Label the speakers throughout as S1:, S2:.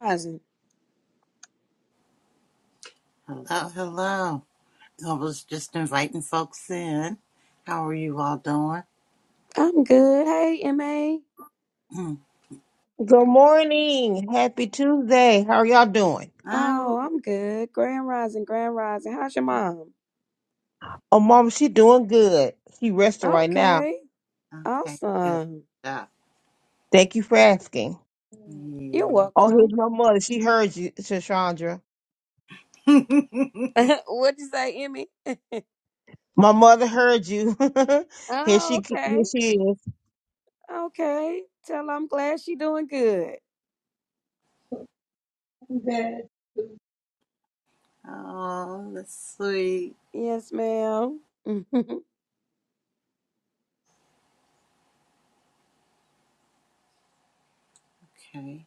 S1: Rising.
S2: Hello, hello. I was just inviting folks in. How are you all doing?
S1: I'm good. Hey, MA.
S2: Hmm.
S3: Good morning. Happy Tuesday. How are y'all doing?
S2: Oh,
S1: Oh, I'm good. Grand Rising, Grand Rising. How's your mom?
S3: Oh, mom, she doing good. She resting right now.
S1: Okay.
S2: okay, good
S1: Awesome.
S2: stuff.
S3: Thank you for asking.
S1: You're
S2: Yeah.
S3: Oh, here's
S1: welcome.
S3: my mother. She heard you, Shashandra.
S1: What'd you say, Emmy?
S3: My mother heard you. here
S1: oh,
S3: she
S1: okay.
S3: here she is.
S1: Okay. Tell her I'm glad she doing good.
S2: oh, that's sweet.
S1: Yes, ma'am.
S2: Okay,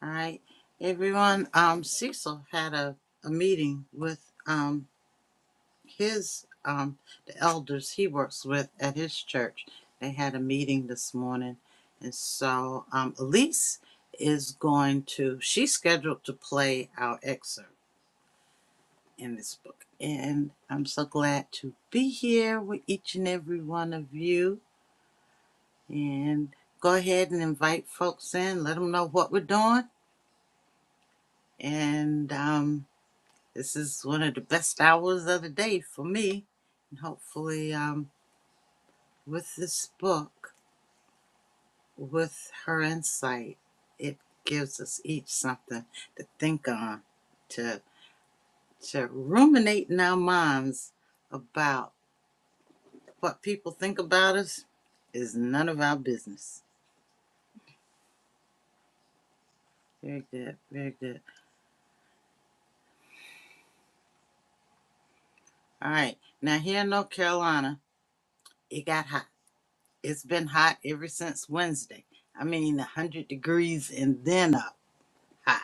S2: all right, everyone. Um, Cecil had a, a meeting with um his um the elders he works with at his church. They had a meeting this morning, and so um Elise is going to she's scheduled to play our excerpt in this book. And I'm so glad to be here with each and every one of you. And go ahead and invite folks in, let them know what we're doing. And um, this is one of the best hours of the day for me. And hopefully, um, with this book. with her insight, it gives us each something to think on, to to ruminate in our minds about what people think about us is none of our business. Very good, very good. All right, now here in North Carolina, it got hot. It's been hot ever since Wednesday. I mean, 100 degrees and then up hot.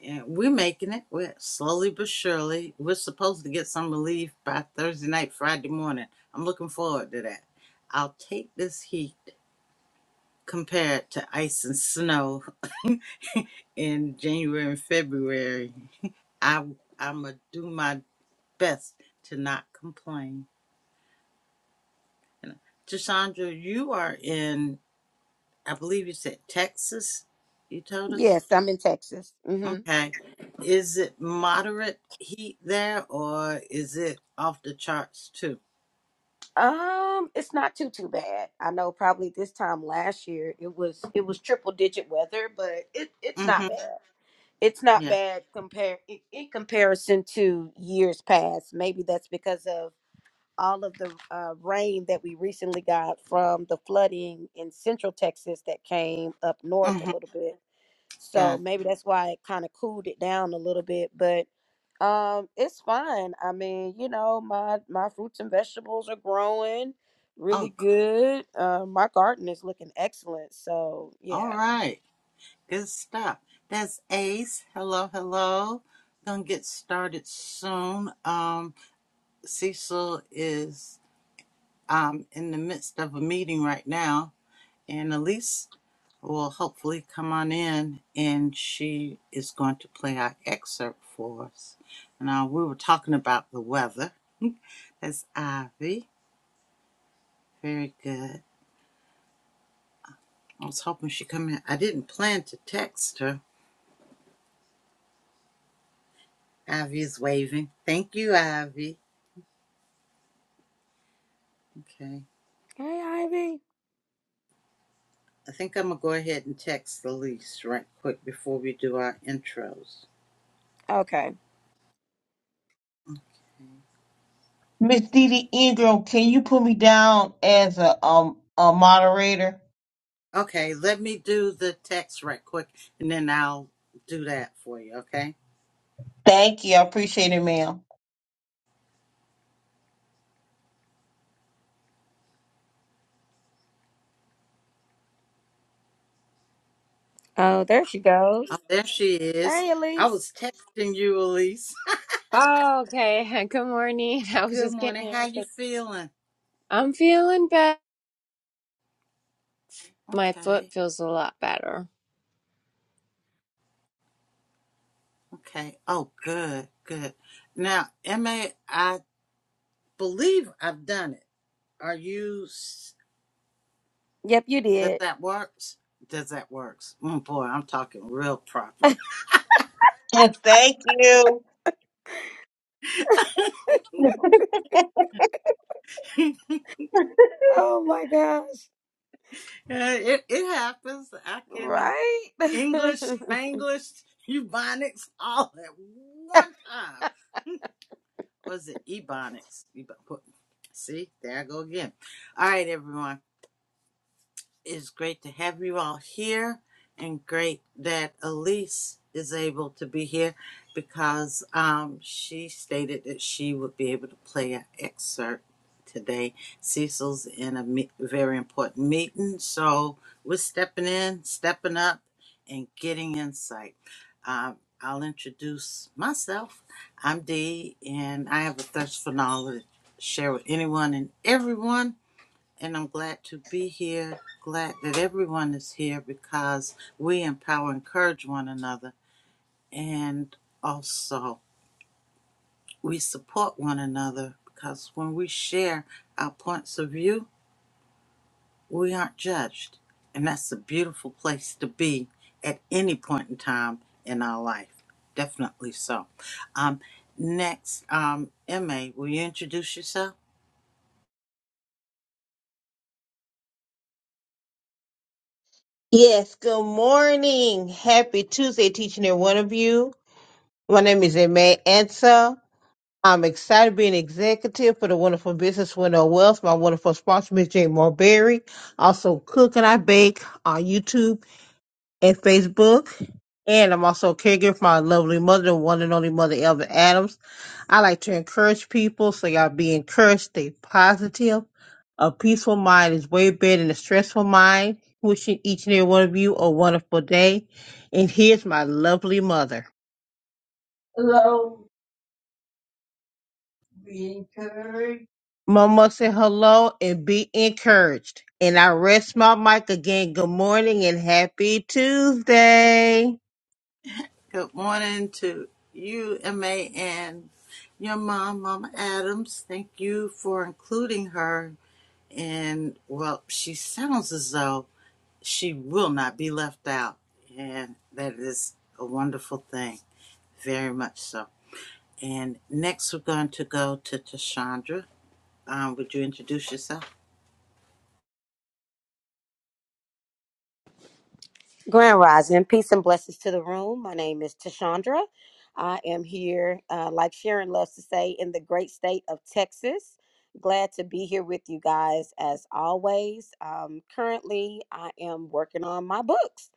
S2: Yeah, we're making it. We're slowly but surely. We're supposed to get some relief by Thursday night, Friday morning. I'm looking forward to that. I'll take this heat compared to ice and snow in January and February. I I'm gonna do my best to not complain. Tashandra, you are in. I believe you said Texas. You told us.
S1: yes, I'm in Texas. hmm
S2: Okay. Is it moderate heat there, or is it off the charts too?
S1: Um, it's not too too bad. I know probably this time last year it was it was triple digit weather, but it it's
S2: Mm-hmm.
S1: not bad. it's not
S2: Yeah.
S1: bad compare in in comparison to years past. Maybe that's because of all of the uh, rain that we recently got from the flooding in central Texas that came up north a
S2: hmm
S1: little bit. So
S2: Gotcha.
S1: maybe that's why it kind of cooled it down a little bit, but um it's fine. I mean, you know, my my fruits and vegetables are growing really
S2: Oh, cool.
S1: good. Uh, my garden is looking excellent. So,
S2: All
S1: yeah.
S2: right. Good stuff. That's Ace. Hello, hello. Gonna get started soon. Um, Cecil is um in the midst of a meeting right now, and Elise will hopefully come on in, and she is going to play our excerpt for us. Now we were talking about the weather. That's Ivy. Very good. I was hoping she'd come in. I didn't plan to text her Ivy's waving. Thank you, Ivy. Okay.
S1: Hey, Ivy.
S2: I think I'm going to go ahead and text Elise right quick before we do our intros.
S1: Okay.
S3: Miss Didi Ingram, can you put me down as a um a moderator?
S2: Okay, let me do the text right quick and then I'll do that for you, okay?
S3: Thank you. I appreciate it, ma'am.
S1: Oh, there she goes.
S2: Oh, there she is.
S1: Hey,
S2: I
S1: Elise.
S2: was texting you, Elise.
S4: Oh, okay. Good morning. I was
S2: Good
S4: just
S2: morning.
S4: getting, I
S2: How
S4: was
S2: you
S4: like,
S2: feeling?
S4: I'm feeling better. My foot
S2: Okay.
S4: feels a lot better.
S2: Okay. Oh, good. Good. Now, Emma, I believe I've done it. Are you?
S1: Yep, you
S2: Does
S1: did.
S2: that works? Does that works? Mm, boy, I'm talking real proper.
S3: And thank you.
S1: Oh my gosh.
S2: Uh, it it happens. I can uh,
S1: Right?
S2: English, Spanglish, Ebonics, all at one time. Or is it Ebonics? Ebo- See, there I go again. All right, everyone. is great to have you all here and great that Elise is able to be here because um, she stated that she would be able to play an excerpt today. Cecil's in a me- very important meeting, so we're stepping in, stepping up, and getting insight. Um, I'll introduce myself. I'm Dee, and I have a thirst for knowledge. to Share with anyone and everyone and I'm glad to be here. Glad that everyone is here because we empower, and encourage one another, and also we support one another because when we share our points of view, we aren't judged. And that's a beautiful place to be at any point in time in our life. Definitely so. Um, next, um, MA, will you introduce yourself?
S3: Yes, good morning. Happy Tuesday, teaching every one of you. My name is Aimee Ansa. I'm excited being executive for the Wonderful Business Window of Wealth. My wonderful sponsor, Ms. Jane Marberry. Also, cook and I bake on YouTube and Facebook. And I'm also a caregiver for my lovely mother, the one and only mother, Elvin Adams. I like to encourage people, so y'all be encouraged, stay positive. A peaceful mind is way better than a stressful mind. Wishing each and every one of you a wonderful day. And here's my lovely mother. Hello. Be encouraged. Mama said hello and be encouraged. And I rest my mic again. Good morning and happy Tuesday.
S2: Good morning to you, MA, and your mom, Mama Adams. Thank you for including her. And, well, she sounds as though she will not be left out. And that is a wonderful thing, very much so. And next, we're going to go to Tashandra. Um, would you introduce yourself?
S1: Grand Rising, peace and blessings to the room. My name is Tashandra. I am here, uh, like Sharon loves to say, in the great state of Texas. Glad to be here with you guys as always. Um, currently, I am working on my books.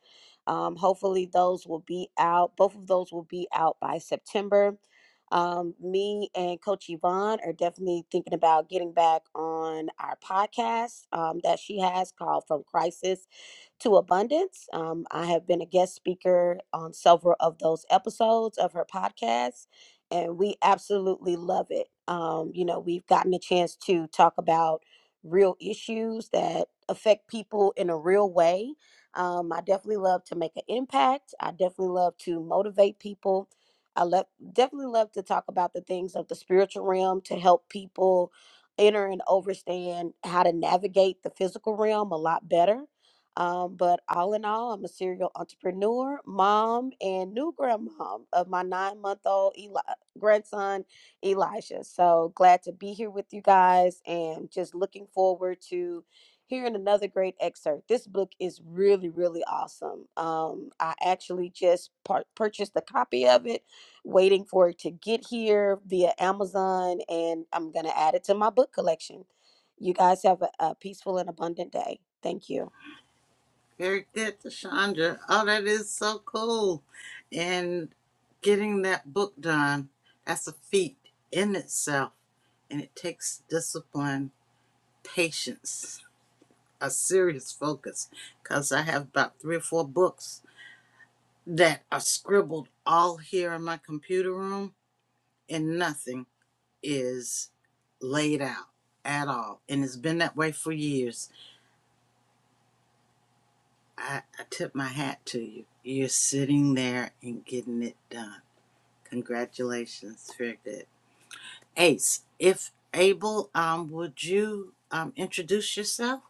S1: Um, hopefully, those will be out. Both of those will be out by September. Um, me and Coach Yvonne are definitely thinking about getting back on our podcast um, that she has called From Crisis to abundance. Um, I have been a guest speaker on several of those episodes of her podcast, and we absolutely love it. Um, you know, we've gotten a chance to talk about real issues that affect people in a real way. Um, I definitely love to make an impact. I definitely love to motivate people. I love definitely love to talk about the things of the spiritual realm to help people enter and understand how to navigate the physical realm a lot better um, but all in all, I'm a serial entrepreneur, mom, and new grandmom of my nine month old Eli- grandson, Elijah. So glad to be here with you guys and just looking forward to hearing another great excerpt. This book is really, really awesome. Um, I actually just par- purchased a copy of it, waiting for it to get here via Amazon, and I'm going to add it to my book collection. You guys have a, a peaceful and abundant day. Thank you.
S2: Very good, Chandra. Oh, that is so cool. And getting that book done, that's a feat in itself. And it takes discipline, patience, a serious focus. Because I have about three or four books that are scribbled all here in my computer room, and nothing is laid out at all. And it's been that way for years. I, I tip my hat to you. You're sitting there and getting it done Congratulations, very good. Ace, if able, um, would you um, introduce yourself?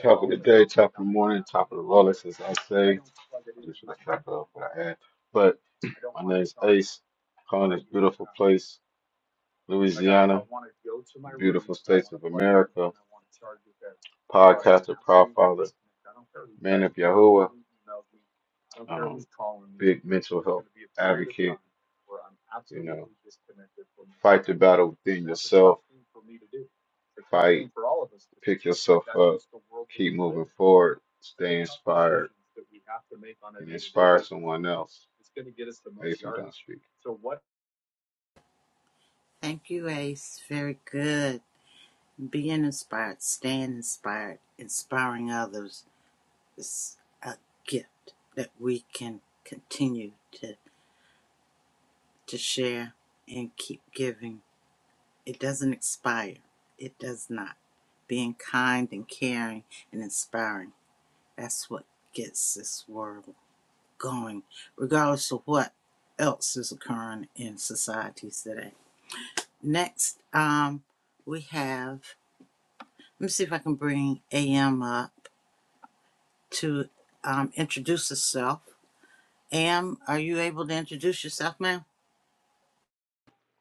S5: Talk of the day, top of the morning, top of the rollers, as I say. Just like wrap it up what I add, But my name's Ace. Calling this beautiful place. Louisiana, Beautiful States of America, Podcaster Profiler, Man of Yahweh, um, big mental health advocate, you know, fight the battle within yourself, fight, pick yourself up, keep moving forward, stay inspired, and inspire someone else. Hey,
S2: Thank you, Ace. Very good. Being inspired, staying inspired, inspiring others is a gift that we can continue to, to share and keep giving. It doesn't expire, it does not. Being kind and caring and inspiring, that's what gets this world going, regardless of what else is occurring in societies today. Next, um, we have, let me see if I can bring AM up to um, introduce herself. AM, are you able to introduce yourself, ma'am?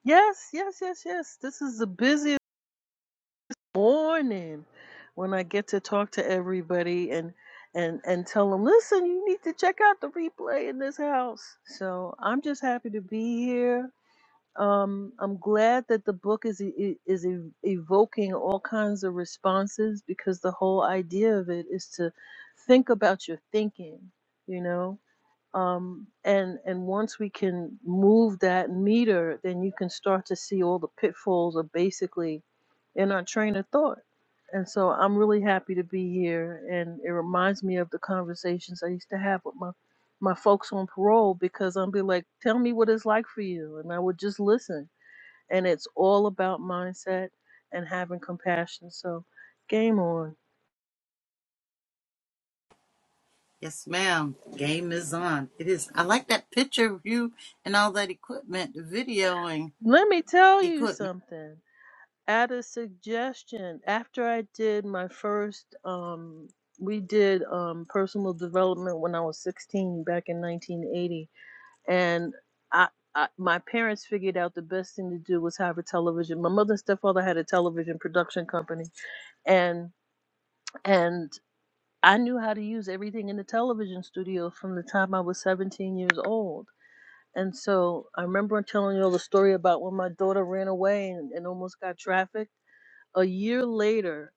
S6: Yes, yes, yes, yes. This is the busiest morning when I get to talk to everybody and and and tell them, listen, you need to check out the replay in this house. So I'm just happy to be here. Um, I'm glad that the book is e- e- is ev- evoking all kinds of responses because the whole idea of it is to think about your thinking, you know um, and and once we can move that meter, then you can start to see all the pitfalls are basically in our train of thought. And so I'm really happy to be here, and it reminds me of the conversations I used to have with my my folks on parole because I'd be like, "Tell me what it's like for you," and I would just listen. And it's all about mindset and having compassion. So, game on.
S2: Yes, ma'am. Game is on. It is. I like that picture of you and all that equipment, the videoing
S6: Let me tell you
S2: equipment.
S6: something. add a suggestion. After I did my first, um, we did um, personal development when I was 16 back in 1980, and I, I my parents figured out the best thing to do was have a television. My mother and stepfather had a television production company, and and I knew how to use everything in the television studio from the time I was 17 years old. And so I remember telling you all the story about when my daughter ran away and, and almost got trafficked a year later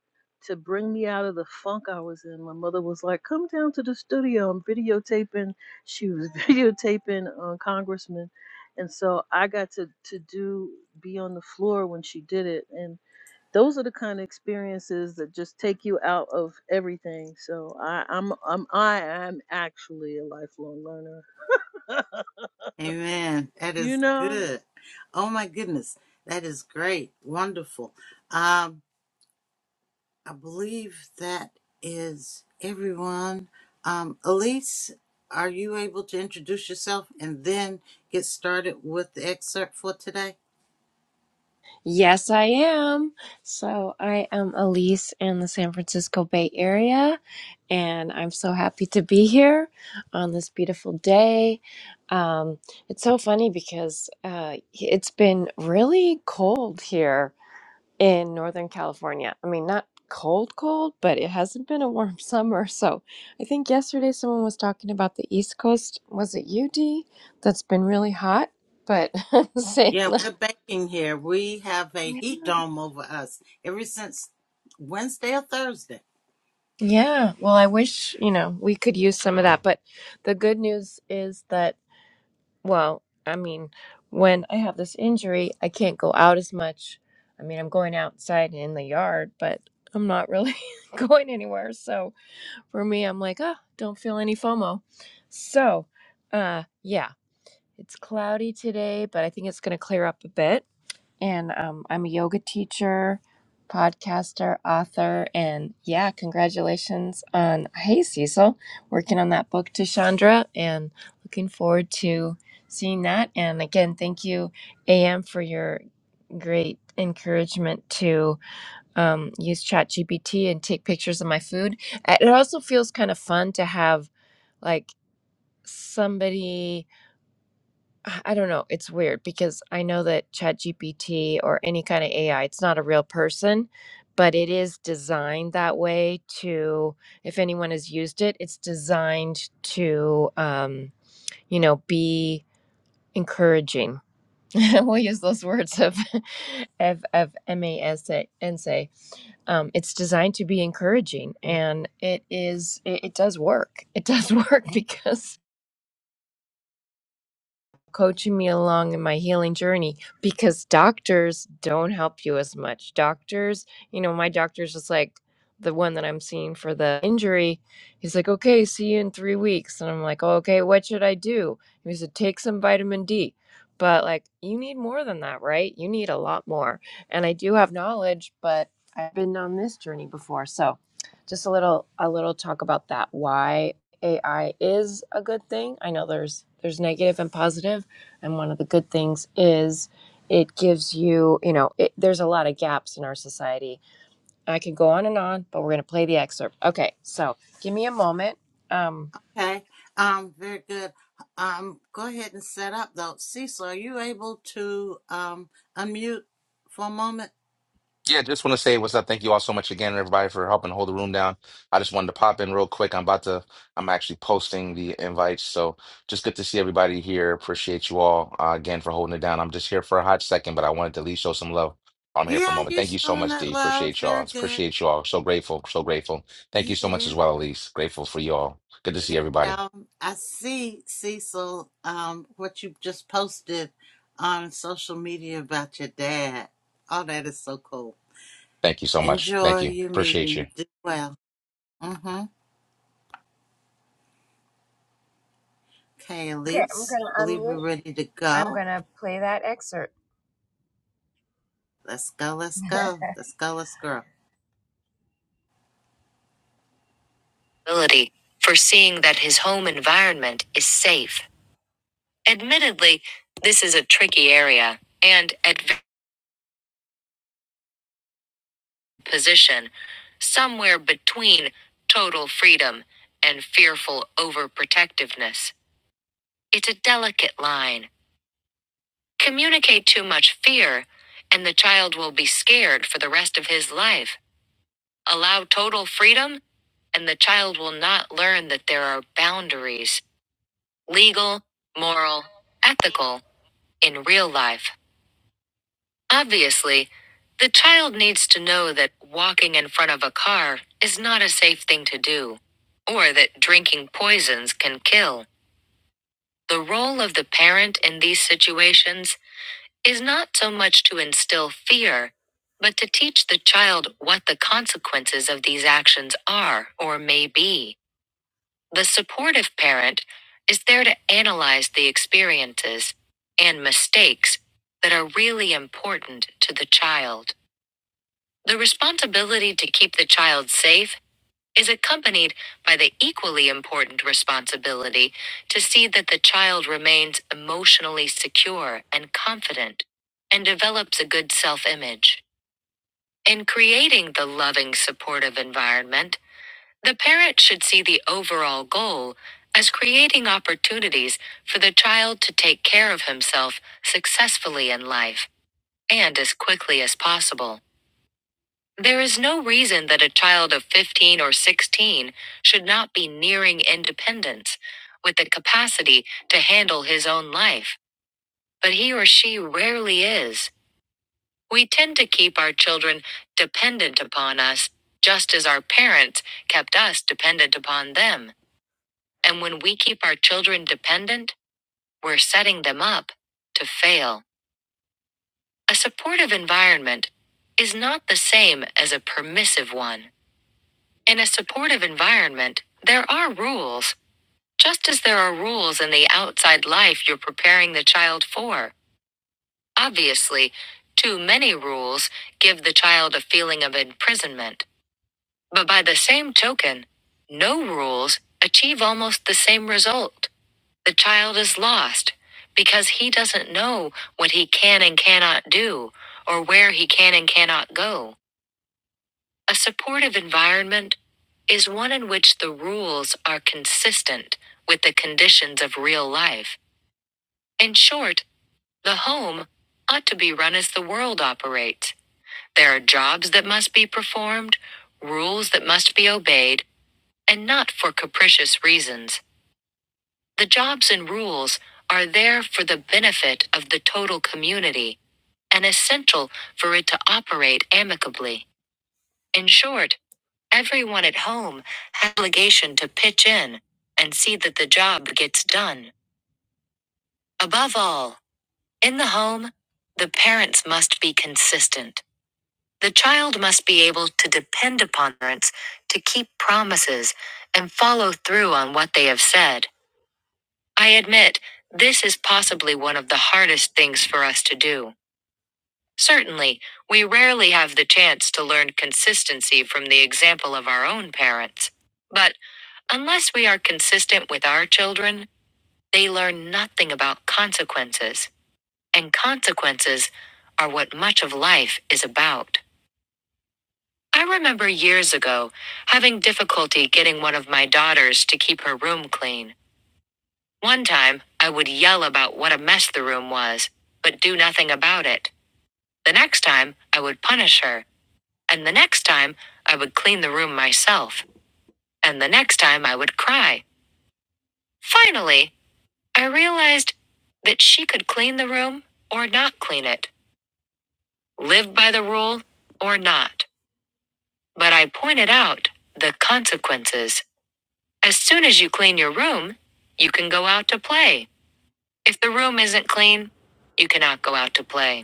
S6: to bring me out of the funk I was in. My mother was like, "Come down to the studio. I'm videotaping." She was videotaping uh, Congressman, and so I got to to do be on the floor when she did it. And those are the kind of experiences that just take you out of everything. So I, I'm I'm I am actually a lifelong learner.
S2: Amen. That
S6: You
S2: is
S6: know?
S2: good. Oh my goodness. That is great. Wonderful. Um, I believe that is everyone. Um, Elise, are you able to introduce yourself and then get started with the excerpt for today?
S4: Yes, I am. So I am Elise in the San Francisco Bay Area, and I'm so happy to be here on this beautiful day. Um, it's so funny because uh, it's been really cold here in Northern California. I mean, not cold, cold, but it hasn't been a warm summer. So I think yesterday someone was talking about the East Coast. Was it UD that's been really hot? But saying,
S2: Yeah,
S4: like,
S2: we're baking here. We have a heat dome over us ever since Wednesday or Thursday.
S4: yeah, well, I wish, you know, we could use some of that. But the good news is that, well, I mean, when I have this injury, I can't go out as much. I mean, I'm going outside in the yard, but I'm not really going anywhere. So, for me, I'm like, ah, don't feel any FOMO. So, uh, yeah, it's cloudy today, but I think it's going to clear up a bit. And um, I'm a yoga teacher, podcaster, author, and yeah, congratulations on Hey Cecil, working on that book to Chandra, and looking forward to seeing that. And again, thank you, AM, for your great encouragement to um, use ChatGPT and take pictures of my food. Uh, It also feels kind of fun to have like somebody, I I don't know, it's weird because I know that ChatGPT or any kind of AI, it's not a real person, but it is designed that way to, if anyone has used it, it's designed to, um, you know, be encouraging we'll use those words of of, of MASA and say um, it's designed to be encouraging and it is it, it does work it does work because coaching me along in my healing journey because doctors don't help you as much. Doctors, you know, my doctor's just like the one that I'm seeing for the injury. He's like, okay, see you in three weeks. And I'm like, "Oh, okay, what should I do? And he said, take some vitamin D. But like, you need more than that, right? You need a lot more. And I do have knowledge, but I've been on this journey before. So just a little, a little talk about that. Why AI is a good thing. I know there's there's negative and positive, and one of the good things is it gives you, you know, it, there's a lot of gaps in our society. I could go on and on, but we're going to play the excerpt. Okay, so give me a moment. Um,
S2: Okay, um, very good. Um, go ahead and set up though. Cecil, are you able to um, unmute for a moment?
S7: Yeah, just want to say what's up. Thank you all so much again, everybody, for helping hold the room down. I just wanted to pop in real quick. I'm about to, I'm actually posting the invites. So just good to see everybody here. Appreciate you all uh, again for holding it down. I'm just here for a hot second, but I wanted to at least show some love. I'm here for a
S2: Yeah,
S7: moment.
S2: you
S7: Thank you so
S2: showing
S7: much,
S2: that
S7: D.
S2: love.
S7: Appreciate y'all.
S2: Very good.
S7: Appreciate y'all. So grateful. So grateful. Thank you so much
S2: Yeah.
S7: as well, Elise. Grateful for y'all. Good to see
S2: And,
S7: everybody.
S2: um, I see Cecil, um, what you just posted on social media about your dad. All that is so cool.
S7: Thank you so much. Thank
S2: Enjoy
S7: you.
S2: your
S7: Appreciate you.
S2: meeting. Do well. Mm-hmm. Okay,
S4: okay, I'm
S2: Elise.
S4: going
S2: I
S4: to
S2: believe
S4: unmute.
S2: we're ready to
S4: I'm
S2: go.
S4: going to play that excerpt.
S2: Let's go. Let's go. Let's go. Let's go.
S4: Ability for seeing that his home environment is safe. Admittedly, this is a tricky area and at v- position, somewhere between total freedom and fearful overprotectiveness. It's a delicate line Communicate too much fear, and the child will be scared for the rest of his life. Allow total freedom, and the child will not learn that there are boundaries legal, moral, ethical in real life. Obviously, the child needs to know that walking in front of a car is not a safe thing to do, or that drinking poisons can kill. The role of the parent in these situations is not so much to instill fear, but to teach the child what the consequences of these actions are or may be. The supportive parent is there to analyze the experiences and mistakes that are really important to the child. The responsibility to keep the child safe is accompanied by the equally important responsibility to see that the child remains emotionally secure and confident and develops a good self image. In creating the loving, supportive environment, the parent should see the overall goal as creating opportunities for the child to take care of himself successfully in life and as quickly as possible. There is no reason that a child of 15 or 16 should not be nearing independence, with the capacity to handle his own life, but he or she rarely is. We tend to keep our children dependent upon us, just as our parents kept us dependent upon them. And when we keep our children dependent, we're setting them up to fail. A supportive environment is not the same as a permissive one. In a supportive environment, there are rules, just as there are rules in the outside life you're preparing the child for. Obviously, too many rules give the child a feeling of imprisonment. But by the same token, no rules achieve almost the same result. The child is lost because he doesn't know what he can and cannot do or where he can and cannot go. A supportive environment is one in which the rules are consistent with the conditions of real life. In short, the home ought to be run as the world operates. There are jobs that must be performed, rules that must be obeyed, and not for capricious reasons. The jobs and rules are there for the benefit of the total community and essential for it to operate amicably. In short, Everyone at home had obligation to pitch in and see that the job gets done. Above all, in the home, the parents must be consistent. The child must be able to depend upon parents to keep promises and follow through on what they have said. I admit, this is possibly one of the hardest things for us to do. Certainly, we rarely have the chance to learn consistency from the example of our own parents. But unless we are consistent with our children, they learn nothing about consequences. And consequences are what much of life is about. I remember years ago having difficulty getting one of my daughters to keep her room clean. One time, I would yell about what a mess the room was, but do nothing about it. The next time, I would punish her. And the next time, I would clean the room myself. And the next time, I would cry. Finally, I realized that she could clean the room or not clean it, live by the rule or not. But I pointed out the consequences. As soon as you clean your room, you can go out to play. If the room isn't clean, you cannot go out to play.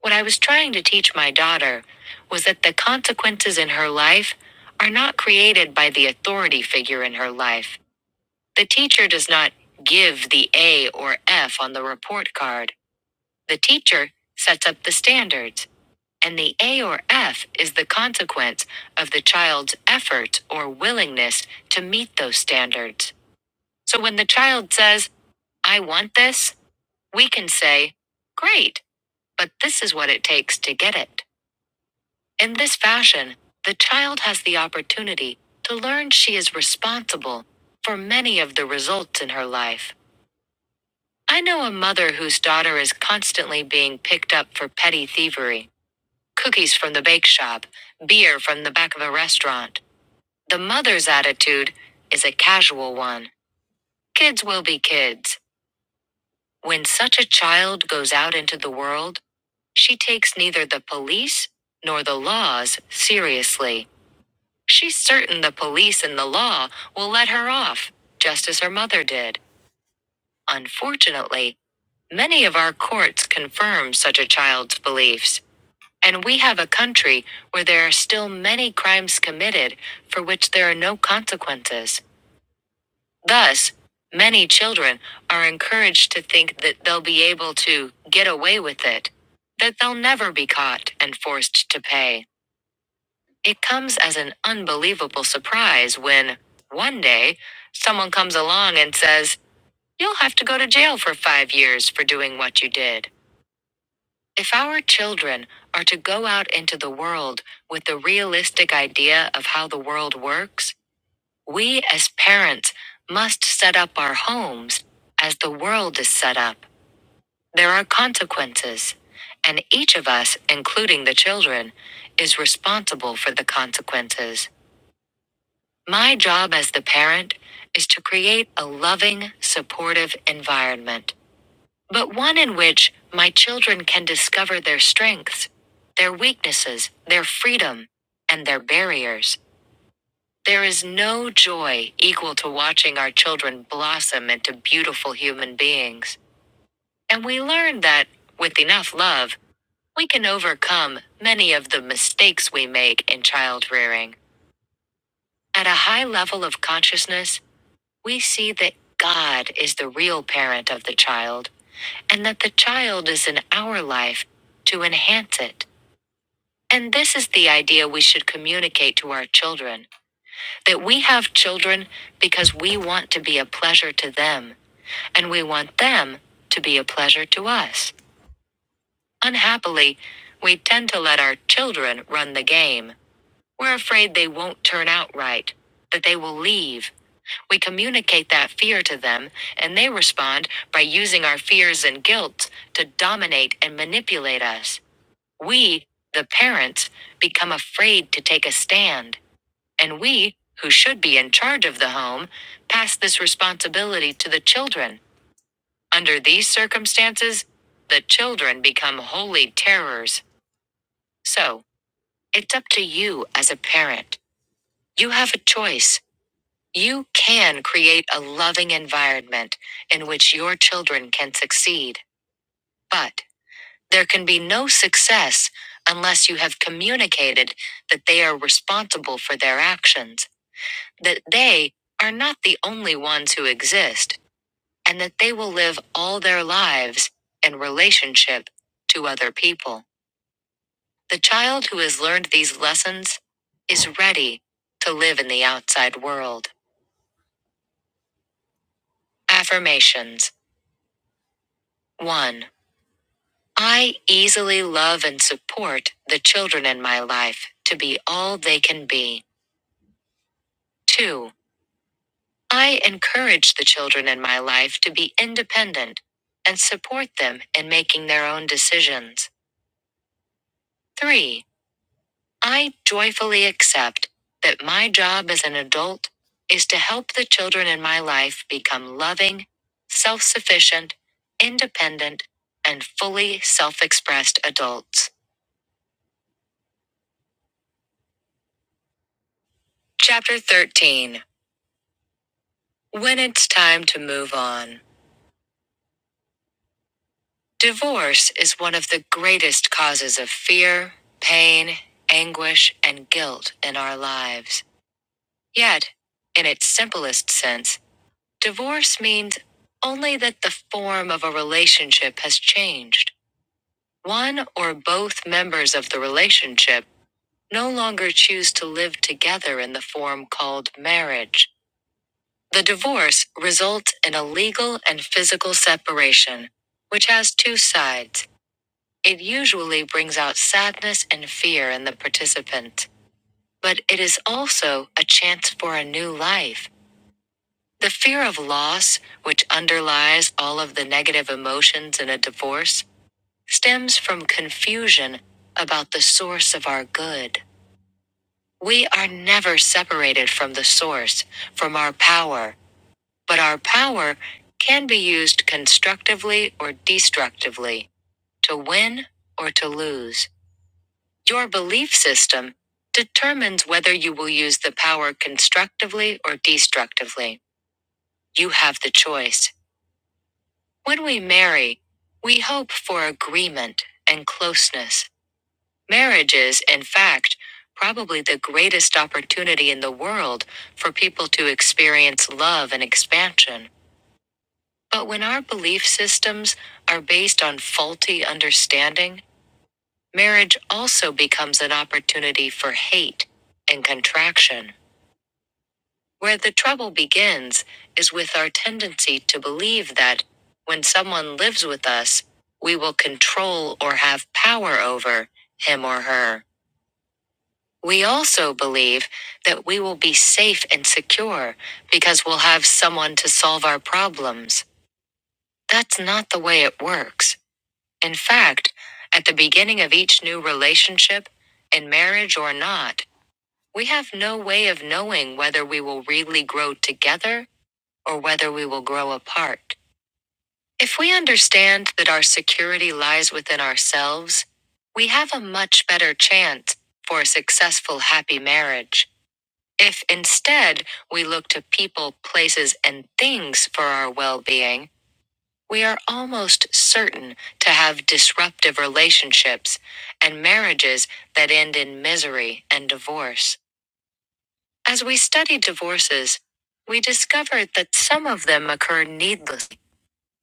S4: What I was trying to teach my daughter was that the consequences in her life are not created by the authority figure in her life. The teacher does not give the A or F on the report card. The teacher sets up the standards, and the A or F is the consequence of the child's effort or willingness to meet those standards. So when the child says, I want this, we can say, Great, but this is what it takes to get it. In this fashion, the child has the opportunity to learn she is responsible for many of the results in her life. I know a mother whose daughter is constantly being picked up for petty thievery cookies from the bake shop, beer from the back of a restaurant. The mother's attitude is a casual one kids will be kids. When such a child goes out into the world, she takes neither the police nor the laws seriously. She's certain the police and the law will let her off, just as her mother did. Unfortunately, many of our courts confirm such a child's beliefs, and we have a country where there are still many crimes committed for which there are no consequences. Thus, many children are encouraged to think that they'll be able to get away with it, that they'll never be caught and forced to pay. It comes as an unbelievable surprise when, one day, someone comes along and says, You'll have to go to jail for five years for doing what you did. If our children are to go out into the world with the realistic idea of how the world works, we as parents must set up our homes as the world is set up. There are consequences, and each of us, including the children, is responsible for the consequences. My job as the parent is to create a loving, supportive environment, but one in which my children can discover their strengths, their weaknesses, their freedom, and their barriers. There is no joy equal to watching our children blossom into beautiful human beings. And we learn that, with enough love, we can overcome many of the mistakes we make in child rearing. At a high level of consciousness, we see that God is the real parent of the child, and that the child is in our life to enhance it. And this is the idea we should communicate to our children that we have children because we want to be a pleasure to them, and we want them to be a pleasure to us. Unhappily, we tend to let our children run the game. We're afraid they won't turn out right, that they will leave, We communicate that fear to them, and they respond by using our fears and guilt to dominate and manipulate us. We, the parents, become afraid to take a stand, and we, who should be in charge of the home, pass this responsibility to the children. Under these circumstances, the children become holy terrors. So, it's up to you as a parent. You have a choice. You can create a loving environment in which your children can succeed, but there can be no success unless you have communicated that they are responsible for their actions, that they are not the only ones who exist, and that they will live all their lives in relationship to other people. The child who has learned these lessons is ready to live in the outside world. Affirmations 1. I easily love and support the children in my life to be all they can be. 2. I encourage the children in my life to be independent and support them in making their own decisions. 3. I joyfully accept that my job as an adult is to help the children in my life become loving, self sufficient, independent, and fully self expressed adults. Chapter 13 When it's time to move on, divorce is one of the greatest causes of fear, pain, anguish, and guilt in our lives. Yet, in its simplest sense, divorce means only that the form of a relationship has changed. One or both members of the relationship no longer choose to live together in the form called marriage The divorce results in a legal and physical separation, which has two sides. It usually brings out sadness and fear in the participant, but it is also a chance for a new life. The fear of loss, which underlies all of the negative emotions in a divorce, stems from confusion about the source of our good. We are never separated from the source, from our power, But our power can be used constructively or destructively, to win or to lose. Your belief system determines whether you will use the power constructively or destructively. You have the choice. When we marry, we hope for agreement and closeness. Marriage is, in fact, probably the greatest opportunity in the world for people to experience love and expansion. But when our belief systems are based on faulty understanding, marriage also becomes an opportunity for hate and contraction. Where the trouble begins is with our tendency to believe that when someone lives with us, we will control or have power over him or her. We also believe that we will be safe and secure because we'll have someone to solve our problems. That's not the way it works. In fact, at the beginning of each new relationship, in marriage or not, we have no way of knowing whether we will really grow together or whether we will grow apart. If we understand that our security lies within ourselves, we have a much better chance for a successful, happy marriage. If instead we look to people, places, and things for our well being, we are almost certain to have disruptive relationships and marriages that end in misery and divorce. As we study divorces, we discovered that some of them occur needlessly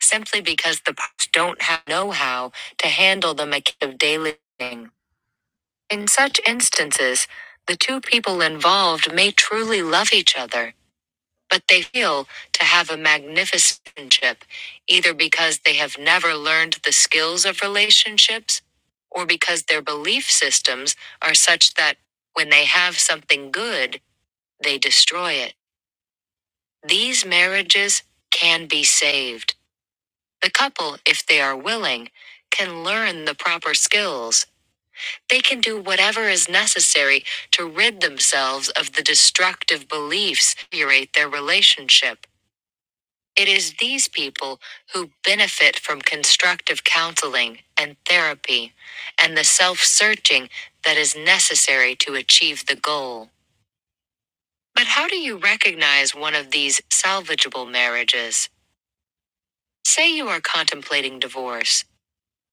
S4: simply because the parties don't have know-how to handle the mechanics of daily living. In such instances, the two people involved may truly love each other, but they fail to have a magnificent relationship, either because they have never learned the skills of relationships or because their belief systems are such that when they have something good, they destroy it. These marriages can be saved. The couple, if they are willing, can learn the proper skills. They can do whatever is necessary to rid themselves of the destructive beliefs that deteriorate their relationship. It is these people who benefit from constructive counseling and therapy and the self searching that is necessary to achieve the goal. But how do you recognize one of these salvageable marriages? Say you are contemplating divorce.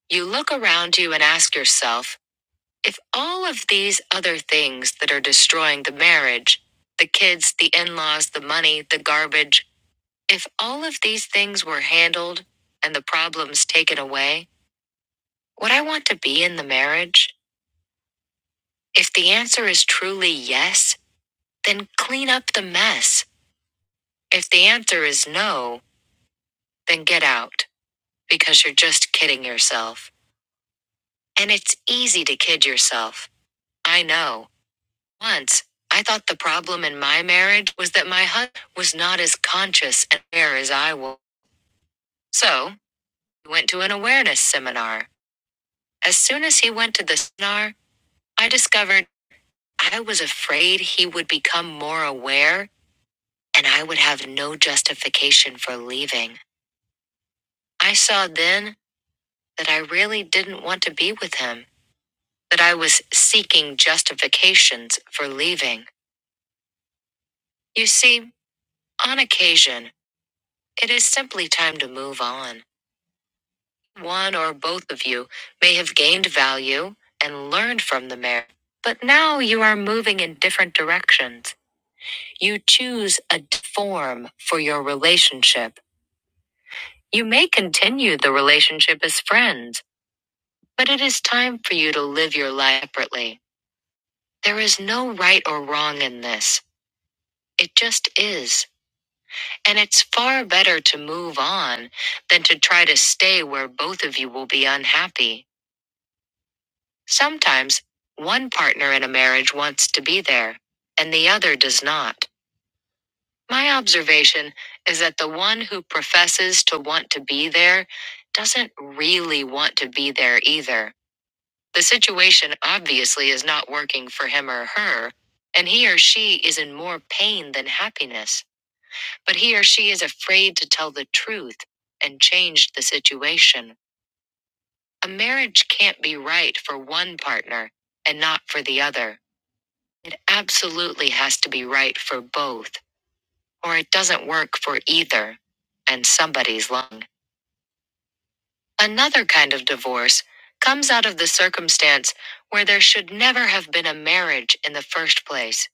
S4: You look around you and ask yourself if all of these other things that are destroying the marriage the kids, the in laws, the money, the garbage, If all of these things were handled and the problems taken away, would I want to be in the marriage? If the answer is truly yes, then clean up the mess. If the answer is no, then get out because you're just kidding yourself. And it's easy to kid yourself. I know. Once, I thought the problem in my marriage was that my husband was not as conscious and aware as I was. So, we went to an awareness seminar. As soon as he went to the seminar, I discovered I was afraid he would become more aware and I would have no justification for leaving. I saw then that I really didn't want to be with him, that I was seeking justifications for leaving. You see, on occasion, it is simply time to move on. One or both of you may have gained value and learned from the marriage, but now you are moving in different directions. You choose a form for your relationship. You may continue the relationship as friends, but it is time for you to live your life separately. There is no right or wrong in this. It just is. And it's far better to move on than to try to stay where both of you will be unhappy. Sometimes one partner in a marriage wants to be there, and the other does not. My observation is that the one who professes to want to be there doesn't really want to be there either. The situation obviously is not working for him or her, and he or she is in more pain than happiness, but he or she is afraid to tell the truth and change the situation. A marriage can't be right for one partner and not for the other. It absolutely has to be right for both. or it doesn't work for either, and somebody's lung. Another kind of divorce comes out of the circumstance where there should never have been a marriage in the first place,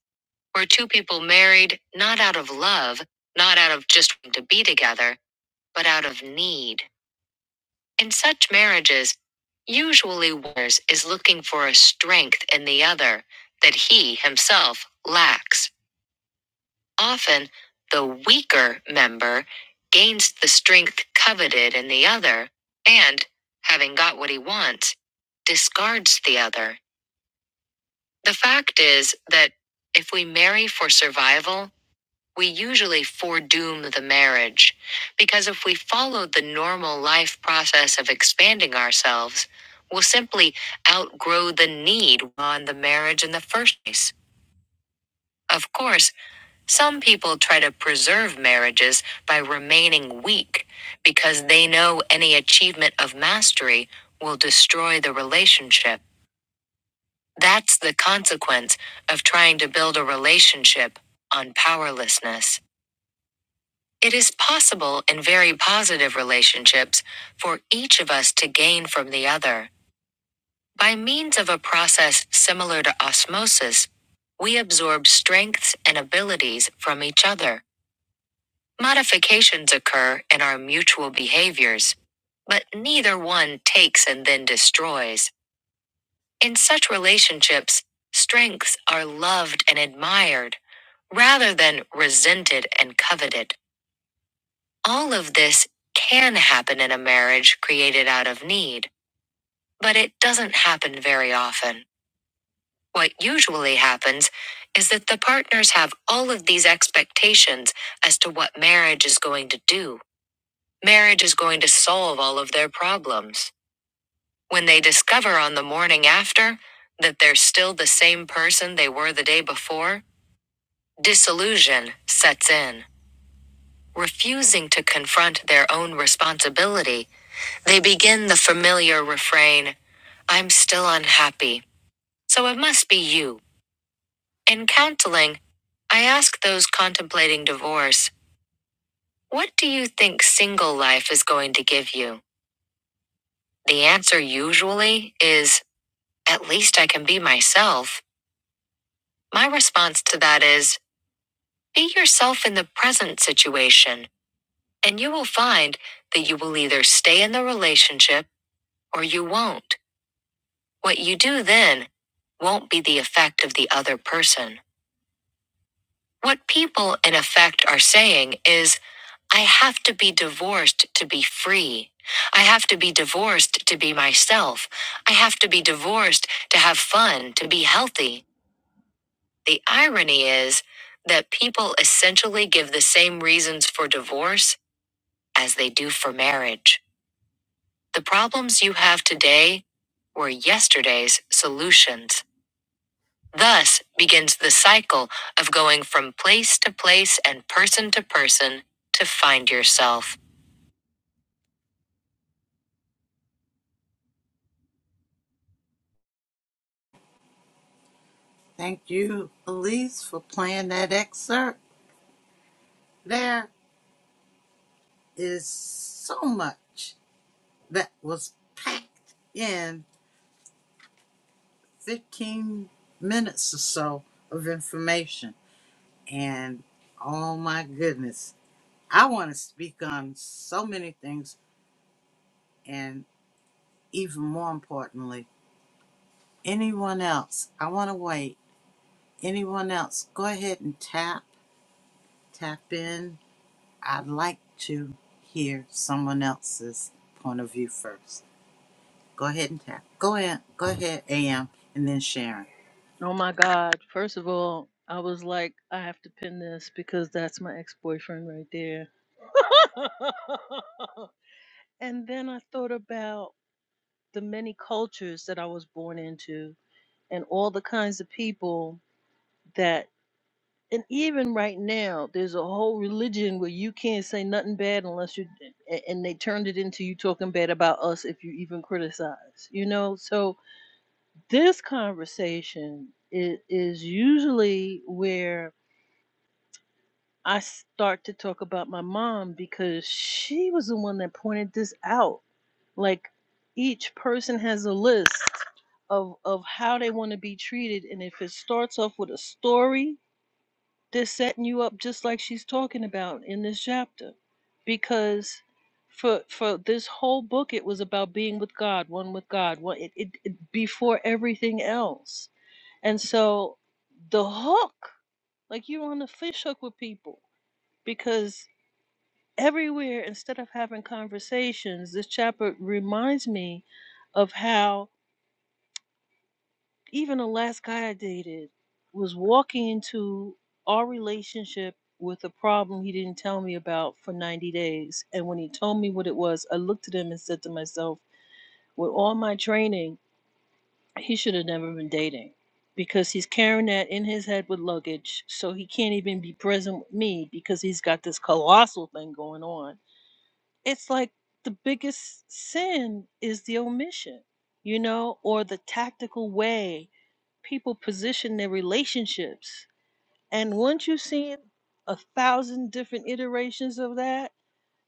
S4: where two people married not out of love, not out of just wanting to be together, but out of need. In such marriages, usually one is looking for a strength in the other that he himself lacks. Often, the weaker member gains the strength coveted in the other and, having got what he wants, discards the other. The fact is that if we marry for survival, we usually foredoom the marriage because if we followed the normal life process of expanding ourselves, we'll simply outgrow the need on the marriage in the first place. Of course, Some people try to preserve marriages by remaining weak because they know any achievement of mastery will destroy the relationship. That's the consequence of trying to build a relationship on powerlessness. It is possible in very positive relationships for each of us to gain from the other. By means of a process similar to osmosis, we absorb strengths and abilities from each other. Modifications occur in our mutual behaviors, but neither one takes and then destroys. In such relationships, strengths are loved and admired, rather than resented and coveted. All of this can happen in a marriage created out of need, but it doesn't happen very often. What usually happens is that the partners have all of these expectations as to what marriage is going to do Marriage is going to solve all of their problems. When they discover on the morning after that they're still the same person they were the day before, disillusion sets in. Refusing to confront their own responsibility, they begin the familiar refrain I'm still unhappy, so it must be you. In counseling, I ask those contemplating divorce, What do you think single life is going to give you? The answer usually is At least I can be myself. My response to that is be yourself in the present situation, and you will find that you will either stay in the relationship or you won't. What you do then won't be the effect of the other person. What people, in effect, are saying is, I have to be divorced to be free. I have to be divorced to be myself. I have to be divorced to have fun, to be healthy. The irony is that people essentially give the same reasons for divorce as they do for marriage. The problems you have today were yesterday's solutions. Thus begins the cycle of going from place to place and person to person to find yourself.
S2: Thank you, Elise, for playing that excerpt. There is so much that was packed in 15 minutes or so of information And oh my goodness, I want to speak on so many things, and even more importantly, anyone else. I want to wait. Anyone else, go ahead and tap, tap in. I'd like to hear someone else's point of view first. Go ahead and tap. Go ahead, go ahead, AM, and then Sharon.
S6: Oh my God. First of all, I was like, I have to pin this because that's my ex boyfriend right there And then I thought about the many cultures that I was born into and all the kinds of people that, and even right now, there's a whole religion where you can't say nothing bad unless you, a- and they turned it into you talking bad about us if you even criticize, you know? So this conversation is, is usually where I start to talk about my mom because she was the one that pointed this out like each person has a list of of how they want to be treated and if it starts off with a story they're setting you up just like she's talking about in this chapter because for for this whole book it was about being with god one with god one it, it, it before everything else and so the hook like you're on the fish hook with people because everywhere instead of having conversations this chapter reminds me of how even the last guy i dated was walking into our relationship with a problem he didn't tell me about for 90 days and when he told me what it was i looked at him and said to myself with all my training he should have never been dating because he's carrying that in his head with luggage so he can't even be present with me because he's got this colossal thing going on it's like the biggest sin is the omission, you know, or the tactical way people position their relationships. And once you've seen a thousand different iterations of that,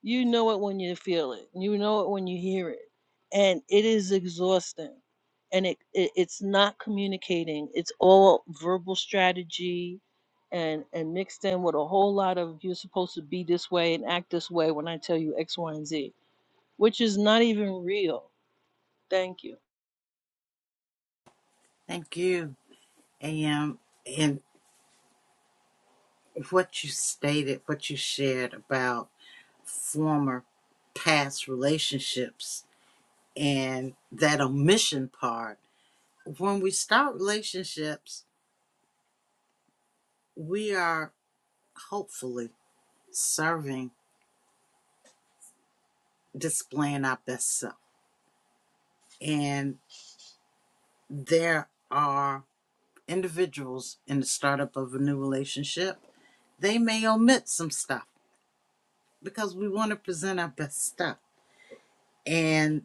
S6: you know it when you feel it. You know it when you hear it. And it is exhausting. And it, it it's not communicating. It's all verbal strategy and and mixed in with a whole lot of you're supposed to be this way and act this way when I tell you X, Y, and Z which is not even real. Thank you.
S2: Thank you, AM, and what you stated, what you shared about. former past relationships and that omission part. When we start relationships, we are hopefully serving, displaying our best self. And there are individuals in the startup of a new relationship, they may omit some stuff because we want to present our best stuff. And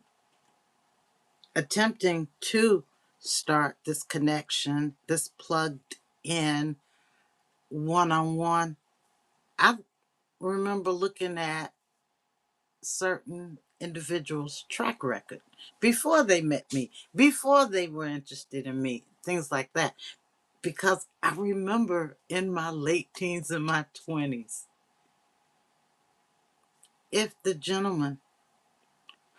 S2: attempting to start this connection, this plugged in one on one. I remember looking at certain individuals' track record before they met me, before they were interested in me, things like that. Because I remember in my late teens and my 20s, if the gentleman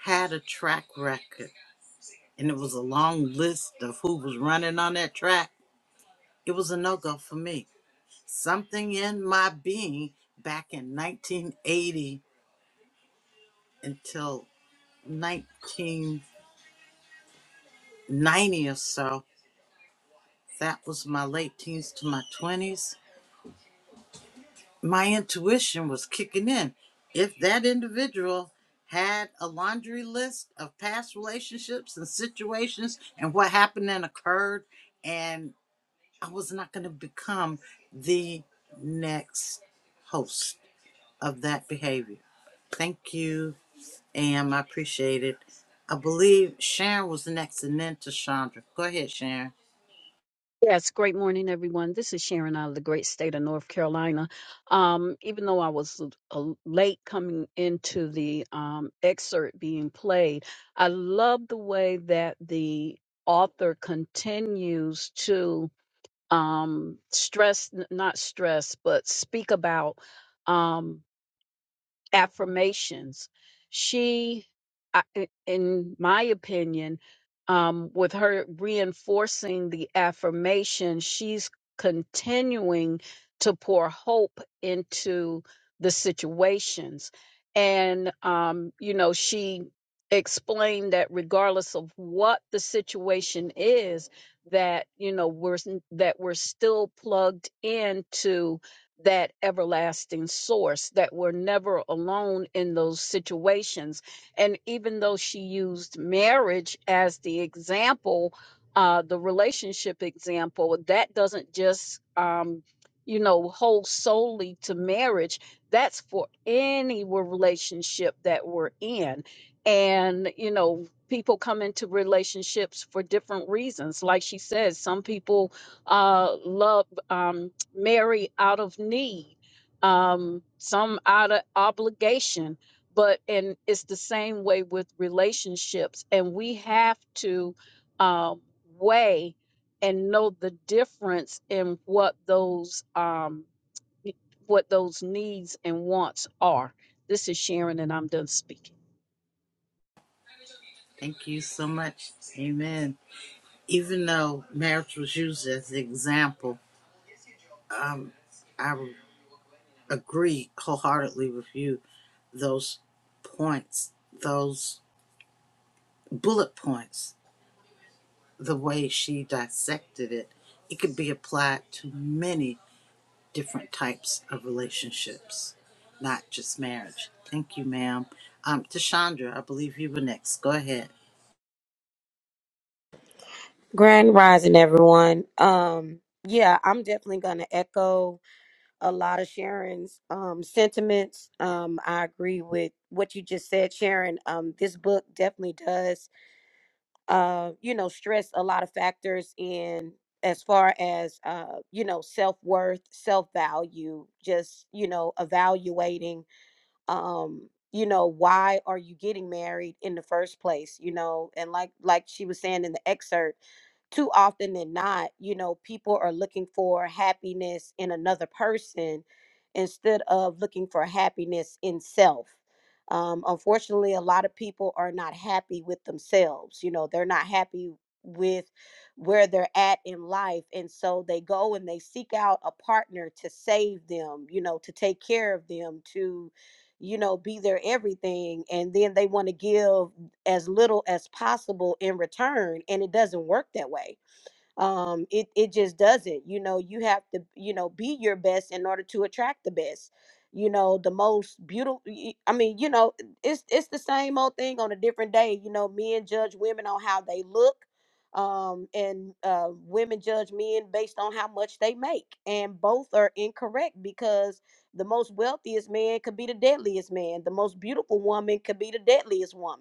S2: had a track record and it was a long list of who was running on that track, it was a no go for me. Something in my being back in 1980 until 19. 90 or so. That was my late teens to my 20s. My intuition was kicking in. If that individual had a laundry list of past relationships and situations and what happened and occurred, and I was not going to become the next host of that behavior. Thank you, Am. I appreciate it. I believe Sharon was next and then to Chandra. Go ahead, Sharon.
S8: Yes, great morning, everyone. This is Sharon out of the great state of North Carolina. Um, even though I was l- a- late coming into the um, excerpt being played, I love the way that the author continues to um, stress, n- not stress, but speak about. Um, affirmations. She, I- i- in my opinion, um, with her reinforcing the affirmation, she's continuing to pour hope into the situations. And, um, you know, she explained that regardless of what the situation is, that you know we're s- that we're still plugged into that everlasting source, that we're never alone in those situations. And even though she used marriage as the example, uh, the relationship example, that doesn't just, um, you know, hold solely to marriage. That's for any relationship that we're in. And, you know, people come into relationships for different reasons. Like she says, some people uh, love. Um, marry out of need, um, some out of obligation. But and it's the same way with relationships, and we have to um, weigh and know the difference in what those um, what those needs and wants are. This is Sharon, and I'm done speaking.
S2: Thank you so much. Amen. even though marriage was used as an example, um, I agree wholeheartedly with you. Those points, those bullet points, the way she dissected it, it could be applied to many different types of relationships, not just marriage. Thank you, ma'am. Um, Tashandra, I believe you were next. Go ahead.
S1: Grand Rising, everyone. Um, yeah, I'm definitely going to echo a lot of Sharon's um, sentiments. Um, I agree with what you just said, Sharon. Um, this book definitely does, uh, you know, stress a lot of factors in as far as uh, you know, self worth, self value, just you know, evaluating um you know why are you getting married in the first place you know and like like she was saying in the excerpt too often than not you know people are looking for happiness in another person instead of looking for happiness in self um, unfortunately a lot of people are not happy with themselves you know they're not happy with where they're at in life and so they go and they seek out a partner to save them you know to take care of them to you know, be their everything. And then they want to give as little as possible in return. And it doesn't work that way um it it just doesn't you know you have to you know be your best in order to attract the best you know the most beautiful i mean you know it's it's the same old thing on a different day you know men judge women on how they look um and uh women judge men based on how much they make and both are incorrect because the most wealthiest man could be the deadliest man the most beautiful woman could be the deadliest woman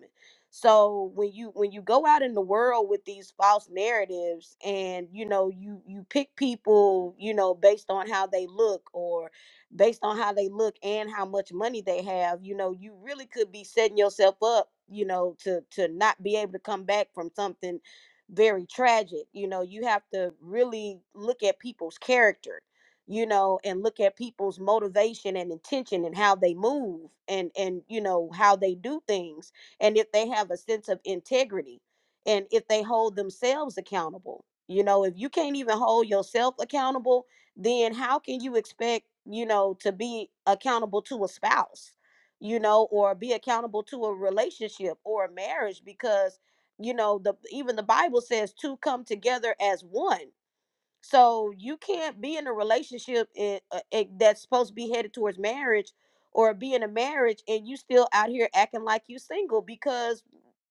S1: so when you when you go out in the world with these false narratives and you know you you pick people you know based on how they look or based on how they look and how much money they have you know you really could be setting yourself up you know to to not be able to come back from something very tragic you know you have to really look at people's character you know and look at people's motivation and intention and how they move and and you know how they do things and if they have a sense of integrity and if they hold themselves accountable you know if you can't even hold yourself accountable then how can you expect you know to be accountable to a spouse you know or be accountable to a relationship or a marriage because you know the even the bible says two come together as one so you can't be in a relationship i- uh, i- that's supposed to be headed towards marriage or be in a marriage and you still out here acting like you single because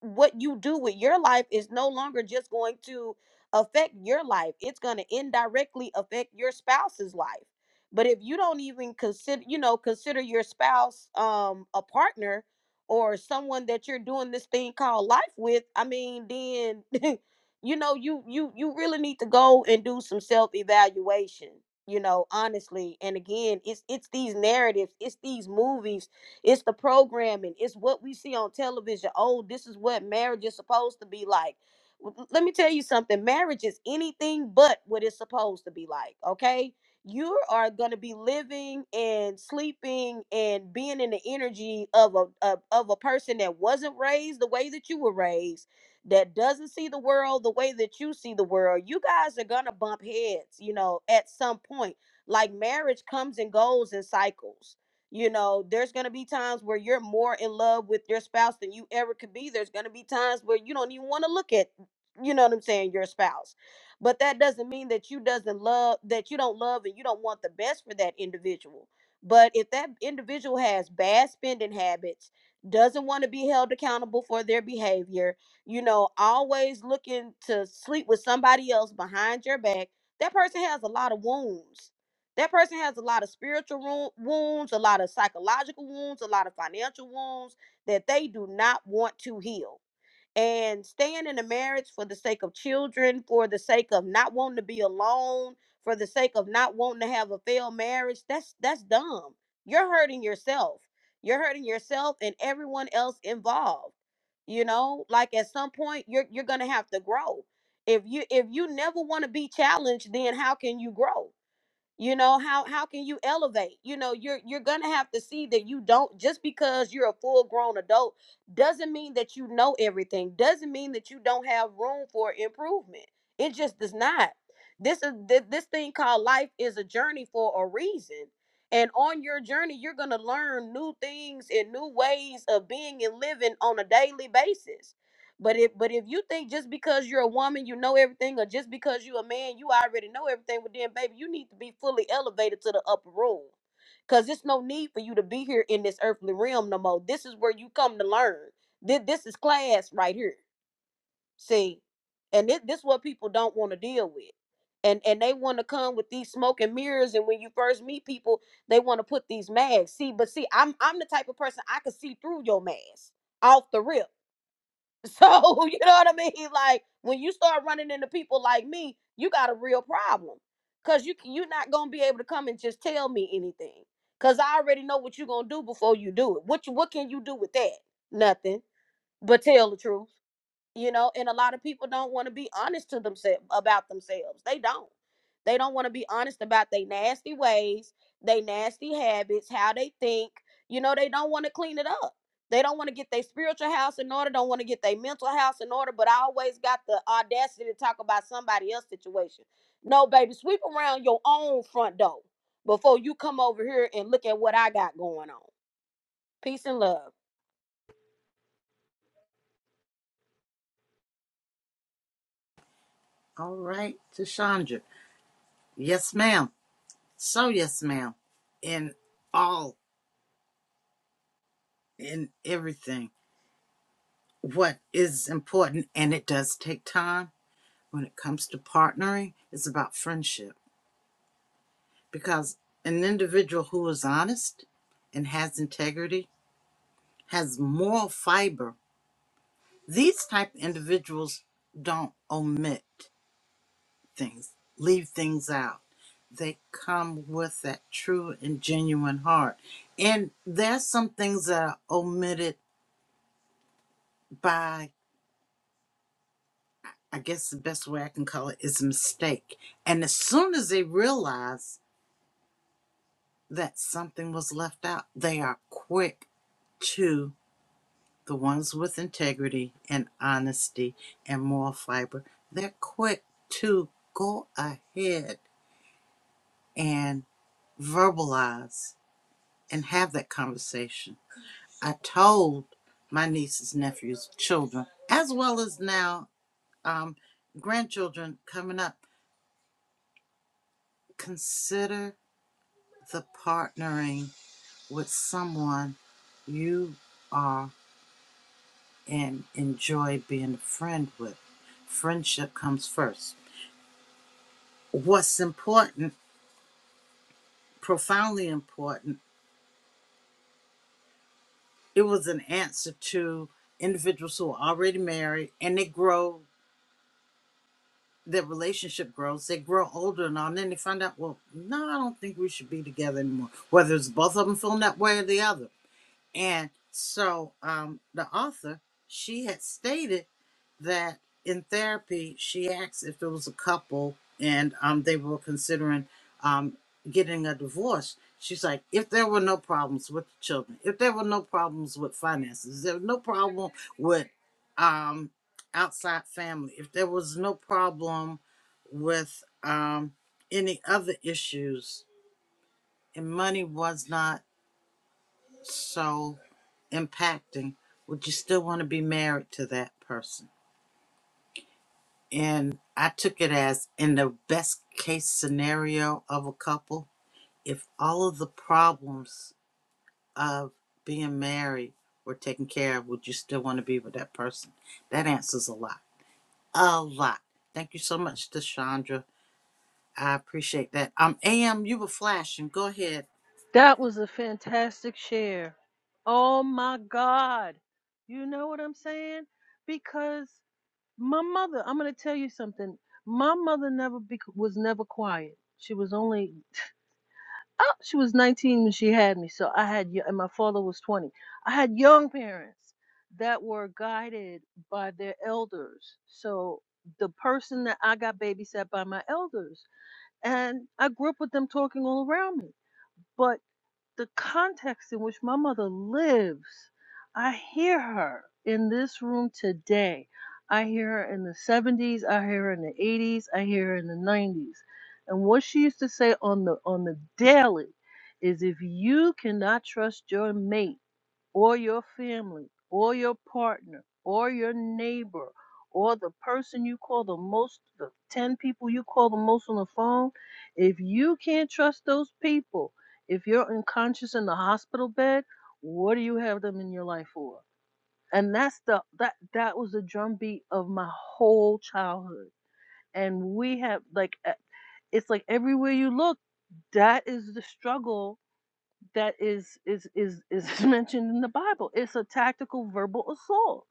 S1: what you do with your life is no longer just going to affect your life. It's going to indirectly affect your spouse's life. But if you don't even consider, you know, consider your spouse um a partner or someone that you're doing this thing called life with, I mean, then you know you you you really need to go and do some self evaluation you know honestly and again it's it's these narratives it's these movies it's the programming it's what we see on television oh this is what marriage is supposed to be like W- w- let me tell you something marriage is anything but what it's supposed to be like okay you are going to be living and sleeping and being in the energy of a of, of a person that wasn't raised the way that you were raised that doesn't see the world the way that you see the world, you guys are going to bump heads, you know, at some point. Like marriage comes and goes in cycles. You know, there's going to be times where you're more in love with your spouse than you ever could be. There's going to be times where you don't even want to look at, you know what I'm saying, your spouse. But that doesn't mean that you doesn't love that you don't love and you don't want the best for that individual. But if that individual has bad spending habits, doesn't want to be held accountable for their behavior, you know, always looking to sleep with somebody else behind your back, that person has a lot of wounds. That person has a lot of spiritual wo- wounds, a lot of psychological wounds, a lot of financial wounds that they do not want to heal. And staying in a marriage for the sake of children, for the sake of not wanting to be alone, for the sake of not wanting to have a failed marriage, that's that's dumb. You're hurting yourself. You're hurting yourself and everyone else involved you know like at some point you're you're gonna have to grow if you if you never want to be challenged then how can you grow you know how how can you elevate you know you're you're gonna have to see that you don't just because you're a full grown adult doesn't mean that you know everything doesn't mean that you don't have room for improvement it just does not this is th- this thing called life is a journey for a reason and on your journey you're gonna learn new things and new ways of being and living on a daily basis but if but if you think just because you're a woman you know everything, or just because you're a man you already know everything, well then, baby, you need to be fully elevated to the upper room, cause it's no need for you to be here in this earthly realm no more. This is where you come to learn. This this is class right here. See, and this this what people don't want to deal with, and and they want to come with these smoke and mirrors. And when you first meet people, they want to put these masks. See, but see, I'm I'm the type of person I can see through your mask off the rip. So, you know what I mean? Like when you start running into people like me, you got a real problem. Cause you you're not gonna be able to come and just tell me anything. Cause I already know what you're gonna do before you do it. What you what can you do with that? Nothing. But tell the truth you know and a lot of people don't want to be honest to themselves about themselves they don't they don't want to be honest about their nasty ways their nasty habits how they think you know they don't want to clean it up they don't want to get their spiritual house in order don't want to get their mental house in order but i always got the audacity to talk about somebody else's situation no baby sweep around your own front door before you come over here and look at what i got going on peace and love
S2: All right, Tashandra. Yes, ma'am. So, yes, ma'am. In all in everything what is important and it does take time when it comes to partnering it's about friendship because an individual who is honest and has integrity has moral fiber these type of individuals don't omit things leave things out they come with that true and genuine heart and there's some things that are omitted by I guess the best way I can call it is a mistake. And as soon as they realize that something was left out, they are quick to the ones with integrity and honesty and moral fiber. They're quick to go ahead and verbalize and have that conversation. I told my nieces, nephews, children, as well as now um, grandchildren coming up, consider The partnering with someone you are and enjoy being a friend with. Friendship comes first. What's important, profoundly important, it was an answer to individuals who are already married and they grow, their relationship grows, they grow older and all, and then they find out, well, no, I don't think we should be together anymore, whether it's both of them feeling that way or the other. And so um, the author, she had stated that in therapy she asked if there was a couple and um, they were considering um, getting a divorce she's like if there were no problems with the children if there were no problems with finances there was no problem with um, outside family if there was no problem with um, any other issues and money was not so impacting would you still want to be married to that person And I took it as in the best case scenario of a couple, if all of the problems of being married were taken care of, would you still want to be with that person? That answers a lot. A lot. Thank you so much, Deshandra. I appreciate that. Um, AM, you were flashing. Go ahead.
S6: That was a fantastic share. Oh my God. You know what I'm saying? Because my mother, I'm going to tell you something. My mother never bec was never quiet. She was only, oh, she was 19 when she had me. So I had, y- and my father was 20. I had young parents that were guided by their elders. So the person that I got babysat by my elders and I grew up with them talking all around me. But the context in which my mother lives, I hear her in this room today. I hear her in the 70s, I hear her in the 80s, I hear her in the 90s. And what she used to say on the on the daily is if you cannot trust your mate, or your family or your partner or your neighbor or the person you call the most, the 10 people you call the most on the phone, if you can't trust those people, if you're unconscious in the hospital bed, what do you have them in your life for? And that's the that that was the drumbeat of my whole childhood. And we have like e- it's like everywhere you look, that is the struggle that is is is is mentioned in the Bible. It's a tactical verbal assault.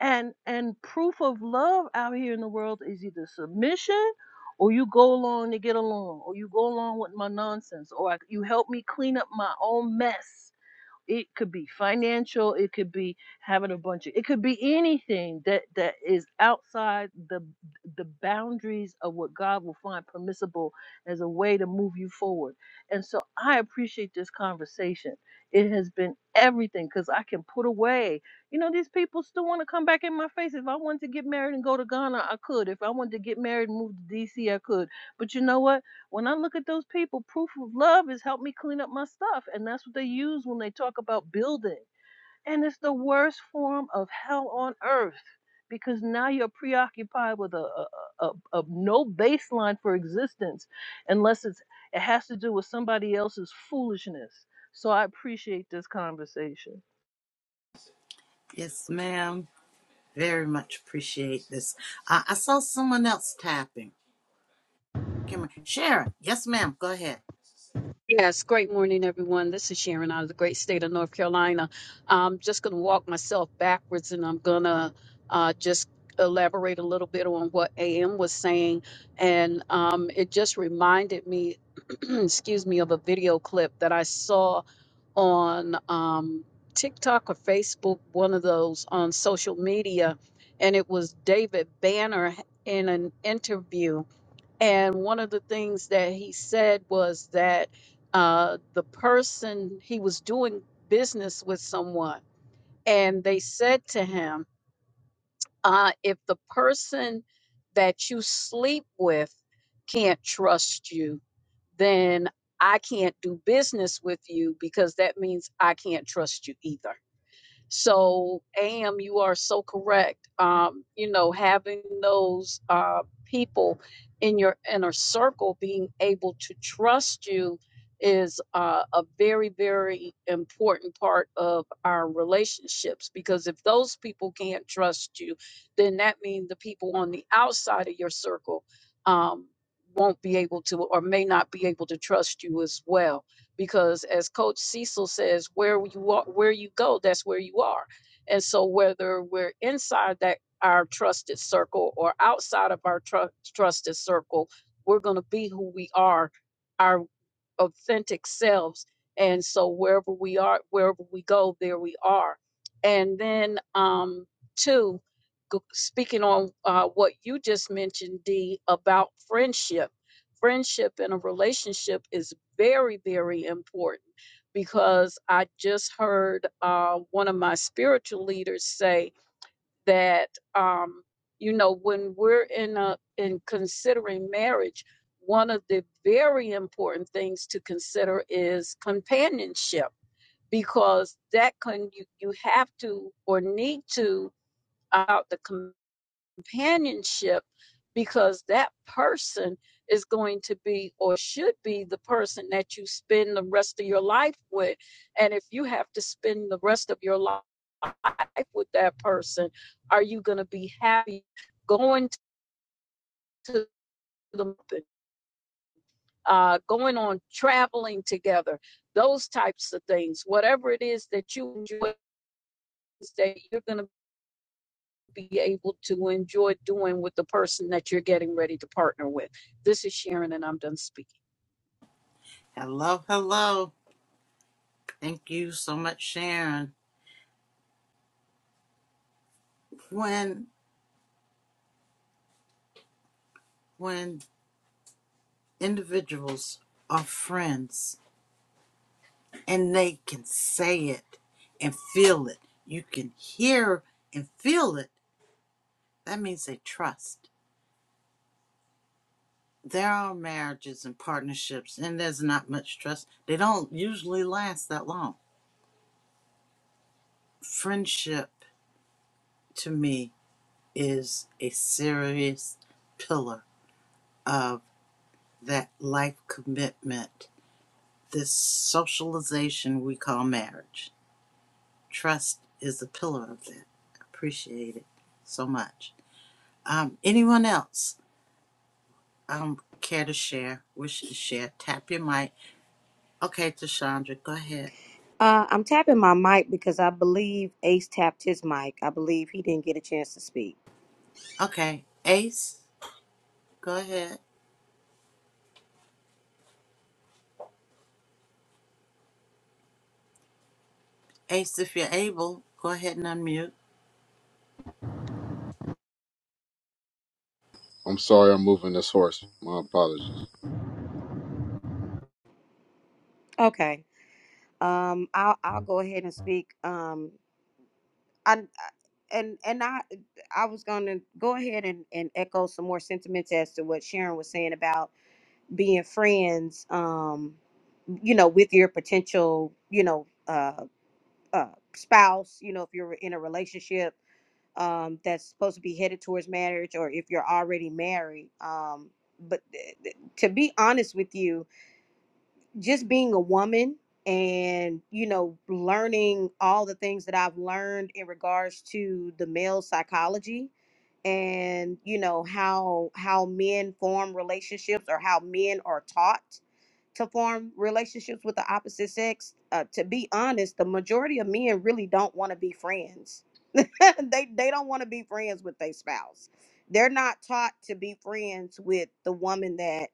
S6: And and proof of love out here in the world is either submission or you go along to get along or you go along with my nonsense or I, you help me clean up my own mess it could be financial it could be having a bunch of it could be anything that that is outside the the boundaries of what god will find permissible as a way to move you forward and so i appreciate this conversation it has been everything because i can put away you know these people still want to come back in my face if i wanted to get married and go to ghana i could if i wanted to get married and move to dc i could but you know what when I look at those people, proof of love has helped me clean up my stuff. And that's what they use when they talk about building. And it's the worst form of hell on earth because now you're preoccupied with a, a, a, a a no baseline for existence unless it's, it has to do with somebody else's foolishness. So I appreciate this conversation.
S2: Yes, ma'am. Very much appreciate this. Uh, I saw someone else tapping. Come on. Sharon. Yes, ma'am. Go ahead.
S8: Yes, great morning, everyone. This is Sharon out of the great state of North Carolina. I'm just going to walk myself backwards and I'm going to uh, just elaborate a little bit on what AM was saying. And um, it just reminded me, excuse me, of a video clip that I saw on um, TikTok or Facebook, one of those on social media. And it was David Banner in an interview and one of the things that he said was that uh, the person he was doing business with someone, and they said to him, uh, if the person that you sleep with can't trust you, then I can't do business with you because that means I can't trust you either. So, AM, you are so correct. Um, you know, having those uh, people in your inner circle being able to trust you is uh, a very, very important part of our relationships because if those people can't trust you, then that means the people on the outside of your circle um, won't be able to or may not be able to trust you as well because as coach cecil says where you are where you go that's where you are and so whether we're inside that our trusted circle or outside of our tru- trusted circle we're going to be who we are Our authentic selves. And so wherever we are, wherever we go, there we are. And then um two, g- speaking on uh, what you just mentioned, D, about friendship. Friendship in a relationship is very, very important because I just heard uh, one of my spiritual leaders say that um, you know when we're in a in considering marriage one of the very important things to consider is companionship because that can you, you have to or need to allow the companionship because that person is going to be or should be the person that you spend the rest of your life with. And if you have to spend the rest of your life with that person, are you going to be happy going to the uh, going on traveling together, those types of things, whatever it is that you enjoy? That you're going to be able to enjoy doing with the person that you're getting ready to partner with. This is Sharon, and I'm done speaking.
S2: Hello, hello. Thank you so much, Sharon. When when individuals are friends and they can say it and feel it, you can hear and feel it. That means they trust. There are marriages and partnerships, and there's not much trust. They don't usually last that long. Friendship, to me, is a serious pillar of that life commitment this socialization we call marriage. Trust is the pillar of that. Appreciate it so much. Um, anyone else um, care to share, wish to share? Tap your mic. Okay, Tashandra, go ahead.
S1: Uh, I'm tapping my mic because I believe Ace tapped his mic. I believe he didn't get a chance to speak.
S2: Okay, Ace, go ahead. Ace, if you're able, go ahead and unmute.
S5: I'm sorry I'm moving this horse. My apologies.
S1: Okay. Um, I'll I'll go ahead and speak. Um, I, I and and I I was going to go ahead and, and echo some more sentiments as to what Sharon was saying about being friends. Um, you know, with your potential, you know, uh, uh, spouse. You know, if you're in a relationship um, that's supposed to be headed towards marriage or if you're already married. Um, but th- th- to be honest with you, just being a woman and you know learning all the things that I've learned in regards to the male psychology and you know how how men form relationships or how men are taught to form relationships with the opposite sex uh, to be honest the majority of men really don't want to be friends they they don't want to be friends with their spouse. They're not taught to be friends with the woman that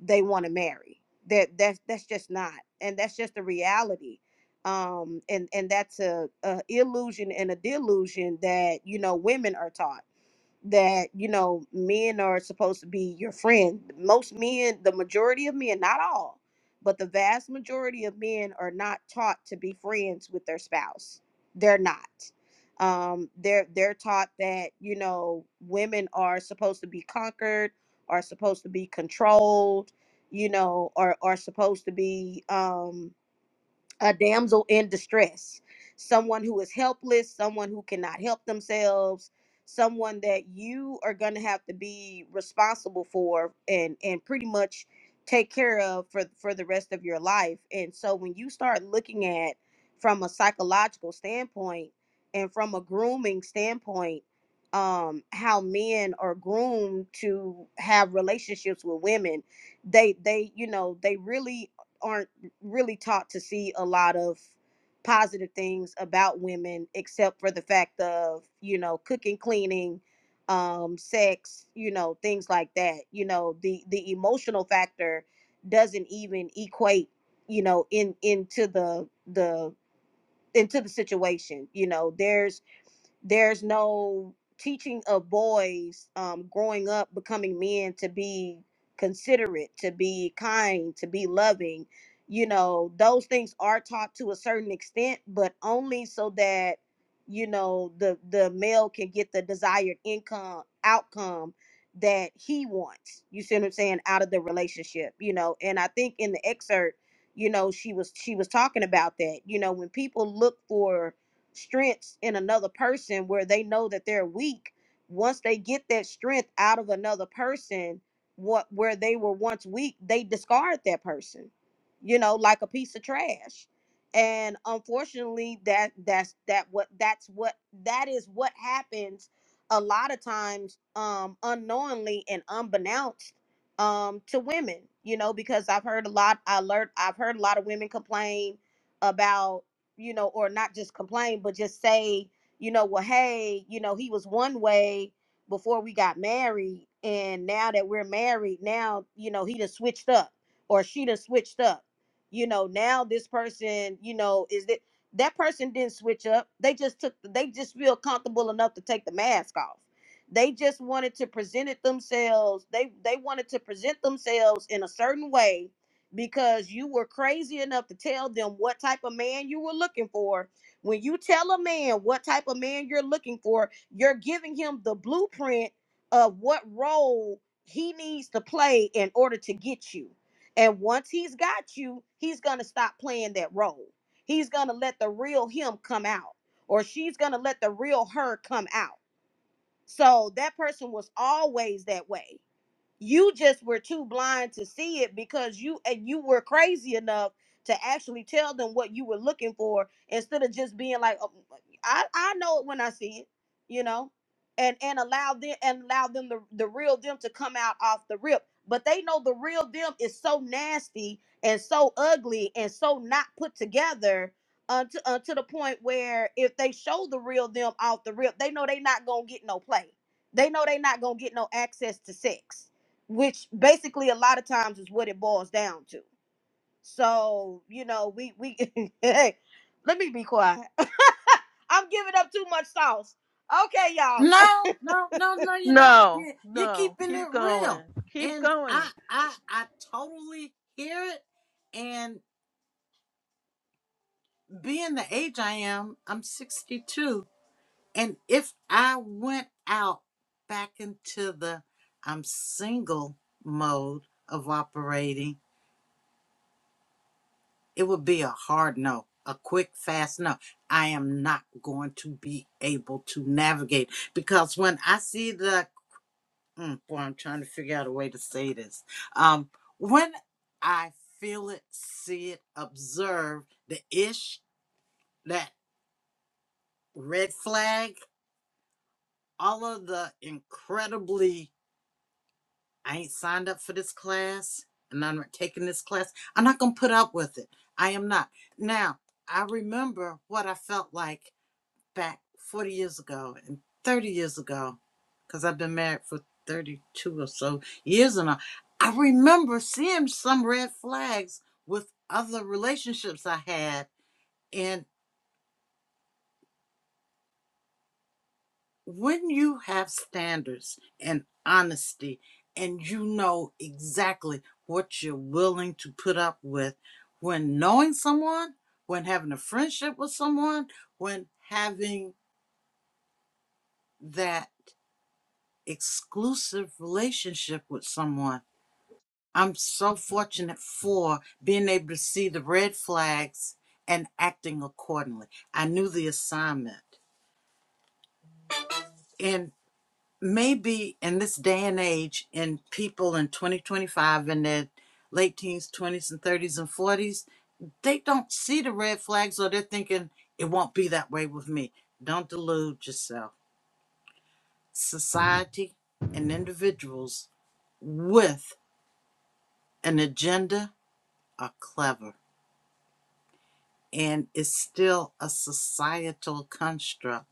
S1: they want to marry. That that's that's just not, and that's just the reality. Um, and and that's a, a illusion and a delusion that you know women are taught that you know men are supposed to be your friend most men the majority of men not all but the vast majority of men are not taught to be friends with their spouse they're not um they're they're taught that you know women are supposed to be conquered are supposed to be controlled you know are are supposed to be Um, a damsel in distress, someone who is helpless, someone who cannot help themselves, someone that you are going to have to be responsible for and and pretty much take care of for for the rest of your life. And so when you start looking at from a psychological standpoint and from a grooming standpoint, um how men are groomed to have relationships with women, they they you know, they really aren't really taught to see a lot of positive things about women except for the fact of you know cooking cleaning um sex you know things like that you know the the emotional factor doesn't even equate you know in into the the into the situation you know there's there's no teaching of boys um, growing up becoming men to be considerate to be kind to be loving you know those things are taught to a certain extent but only so that you know the the male can get the desired income outcome that he wants you see what i'm saying out of the relationship you know and i think in the excerpt you know she was she was talking about that you know when people look for strengths in another person where they know that they're weak once they get that strength out of another person what where they were once weak they discard that person you know like a piece of trash and unfortunately that that's that what that's what that is what happens a lot of times um unknowingly and unbeknownst um to women you know because i've heard a lot i learned i've heard a lot of women complain about you know, or not just complain, but just say, you know, well, hey, you know, he was one way before we got married, and now that we're married, now you know he done switched up, or she done switched up. You know, now this person, you know, is that that person didn't switch up. They just took, they just feel comfortable enough to take the mask off. They just wanted to present it themselves. They they wanted to present themselves in a certain way because you were crazy enough to tell them what type of man you were looking for. When you tell a man what type of man you're looking for, you're giving him the blueprint of what role he needs to play in order to get you. And once he's got you, he's going to stop playing that role. He's going to let the real him come out, or she's going to let the real her come out. So that person was always that way you just were too blind to see it because you and you were crazy enough to actually tell them what you were looking for instead of just being like "Oh, i i know it when i see it you know and and allow them and allow them the, the real them to come out off the rip but they know the real them is so nasty and so ugly and so not put together uh, to, uh, to the point where if they show the real them off the rip they know they not gonna get no play they know they not gonna get no access to sex which basically a lot of times is what it boils down to. So, you know, we we hey, let me be quiet. I'm giving up too much sauce. Okay, y'all.
S2: No, no, no, no, you're not.
S6: No,
S2: You're, you're
S6: no,
S2: keeping it
S6: keep going.
S2: real.
S6: Keep
S2: And
S6: going.
S2: I, I, I totally hear it being the age I am, I'm 62. And if I went out back into the I'm single mode of operating, it would be a hard no, a quick, fast no. I am not going to be able to navigate because when I see the, mm, boy, I'm trying to figure out a way to say this. Um, when I feel it, see it, observe the ish, that red flag, all of the incredibly I ain't signed up for this class and I'm not taking this class. I'm not gonna put up with it. I am not. Now, I remember what I felt like back 40 years ago and 30 years ago, because I've been married for 32 or so years and all. I remember seeing some red flags with other relationships I had and. when you have standards and honesty and you know exactly what you're willing to put up with when knowing someone, when having a friendship with someone, when having that exclusive relationship with someone. I'm so fortunate for being able to see the red flags and acting accordingly. I knew the assignment and. maybe in this day and age, in people in 2025 in their late teens, 20s, and 30s and 40s, they don't see the red flags or they're thinking it won't be that way with me. Don't delude yourself. Society and individuals with an agenda are clever, and it's still a societal construct.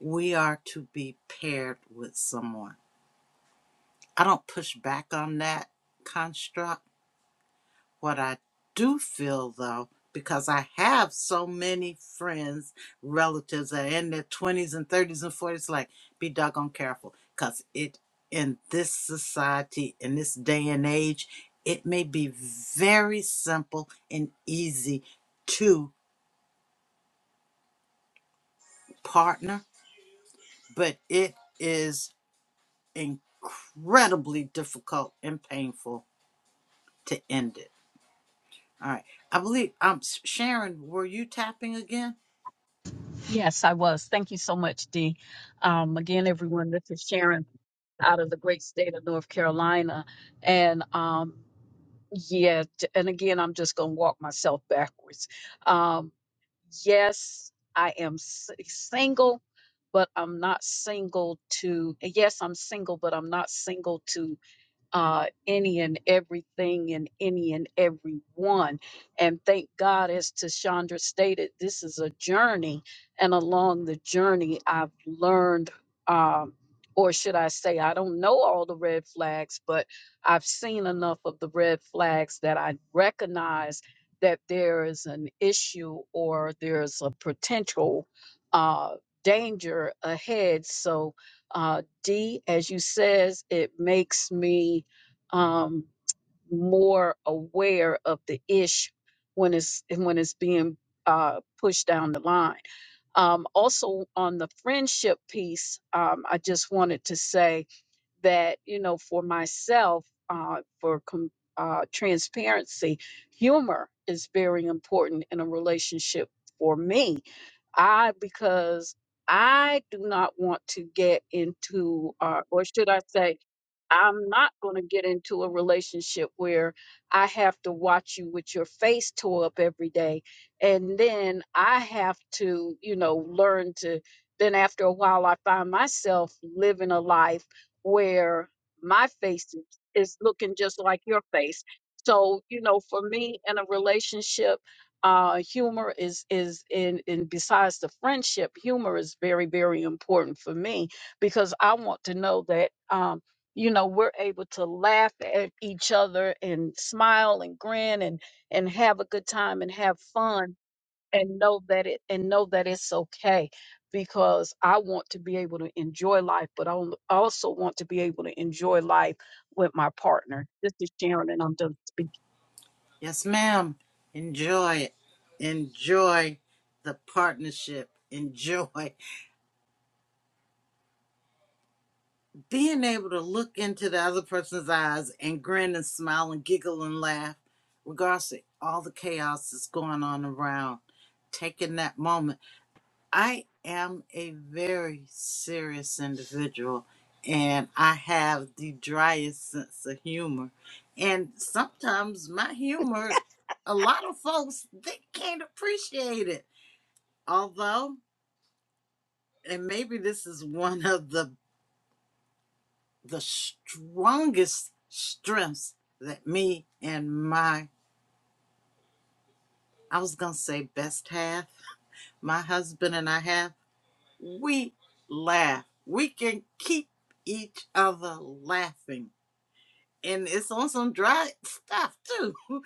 S2: We are to be paired with someone. I don't push back on that construct What I do feel though, because I have so many friends, relatives that are in their 20s and 30s and 40s, like, be doggone careful. Because it, in this society, in this day and age, it may be very simple and easy to partner, but it is incredibly difficult and painful to end it. All right. I believe um, Sharon, were you tapping again?
S8: Yes, I was. Thank you so much, Dee. Um, again, everyone, this is Sharon out of the great state of North Carolina. And um, yeah, t- and again, I'm just going to walk myself backwards. Um, yes, I am s- eh, single, but I'm not single to, eh, yes, I'm single, but I'm not single to uh, any and everything and any and everyone. And thank God, as Tashandra stated, this is a journey. And along the journey, I've learned, um, or should I say, I don't know all the red flags, but I've seen enough of the red flags that I recognize that there is an issue or there's a potential uh, danger ahead. So, uh, D, as you says, it makes me um, more aware of the ish when it's when it's being uh, pushed down the line. Um, also, on the friendship piece, um, I just wanted to say that you know, for myself, uh, for com- uh, transparency, humor is very important in a relationship for me I because I do not want to get into, uh, or should I say, I'm not going to get into a relationship where I have to watch you with your face tore up every day, and then I have to, you know, learn to. Then after a while, I find myself living a life where my face is, is looking just like your face. So, you know, for me in a relationship uh, humor is is in and besides the friendship, humor is very very important for me because I want to know that um, you know we're able to laugh at each other and smile and grin and and have a good time and have fun and know that it and know that it's okay because I want to be able to enjoy life, but I al- also want to be able to enjoy life with my partner. This is Sharon, and I'm done speaking.
S2: Yes, ma'am. Enjoy it. Enjoy the partnership. Enjoy being able to look into the other person's eyes and grin and smile and giggle and laugh, regardless of all the chaos that's going on around. Taking that moment. I am a very serious individual and I have the driest sense of humor. And sometimes my humor, a lot of folks, they can't appreciate it although and maybe this is one of the the strongest strengths that me and my i was gonna say best half my husband and i have we laugh we can keep each other laughing and it's on some dry stuff too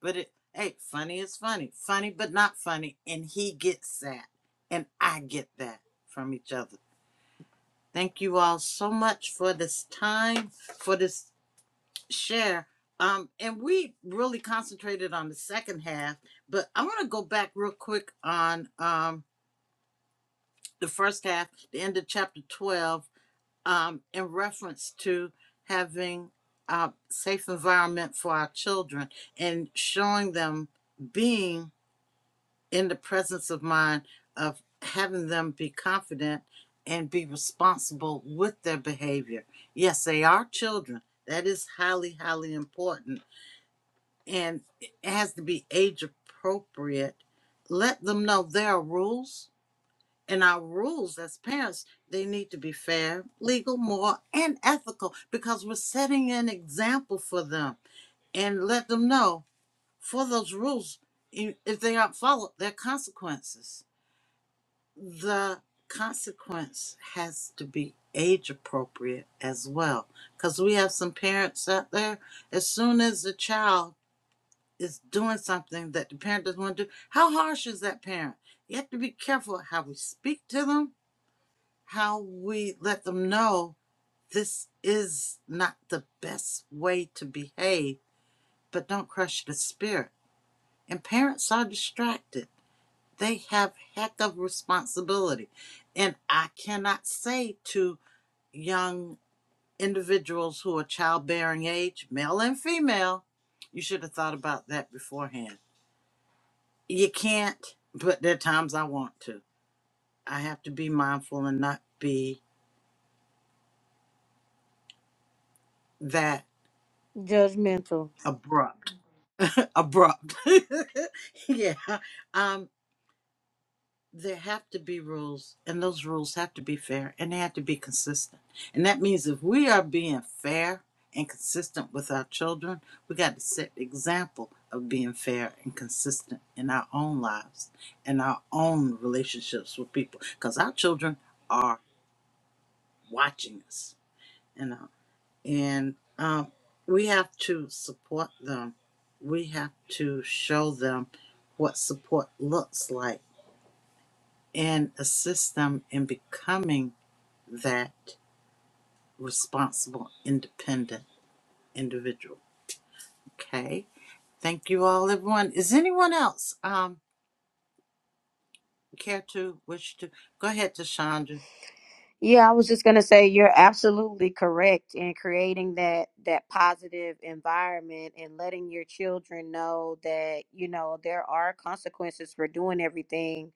S2: but it hey funny is funny funny but not funny and he gets that and i get that from each other Thank you all so much for this time, for this share. Um, and we really concentrated on the second half, but I want to go back real quick on um, the first half, the end of chapter 12, um, in reference to having a safe environment for our children and showing them being in the presence of mind of having them be confident and be responsible with their behavior. Yes, they are children. That is highly, highly important. And it has to be age appropriate. Let them know there are rules. And our rules as parents, they need to be fair, legal, moral, and ethical because we're setting an example for them. And let them know for those rules, i- if they aren't followed, there are consequences the consequence has to be age appropriate as well because we have some parents out there as soon as the child is doing something that the parent doesn't want to do how harsh is that parent you have to be careful how we speak to them how we let them know this is not the best way to behave but don't crush the spirit and parents are distracted they have heck of responsibility and i cannot say to young individuals who are childbearing age male and female you should have thought about that beforehand you can't but there are times i want to i have to be mindful and not be that
S1: Judgmental.
S2: abrupt abrupt yeah Um. there have to be rules and those rules have to be fair and they have to be consistent and that means if we are being fair and consistent with our children we got to set the example of being fair and consistent in our own lives and our own relationships with people because our children are watching us you know and um, we have to support them we have to show them what support looks like and assist them in becoming that responsible, independent individual. Okay. Thank you all, everyone. Is anyone else um care to wish to go ahead, Tashandra?
S1: Yeah, I was just gonna say you're absolutely correct in creating that that positive environment and letting your children know that you know there are consequences for doing everything,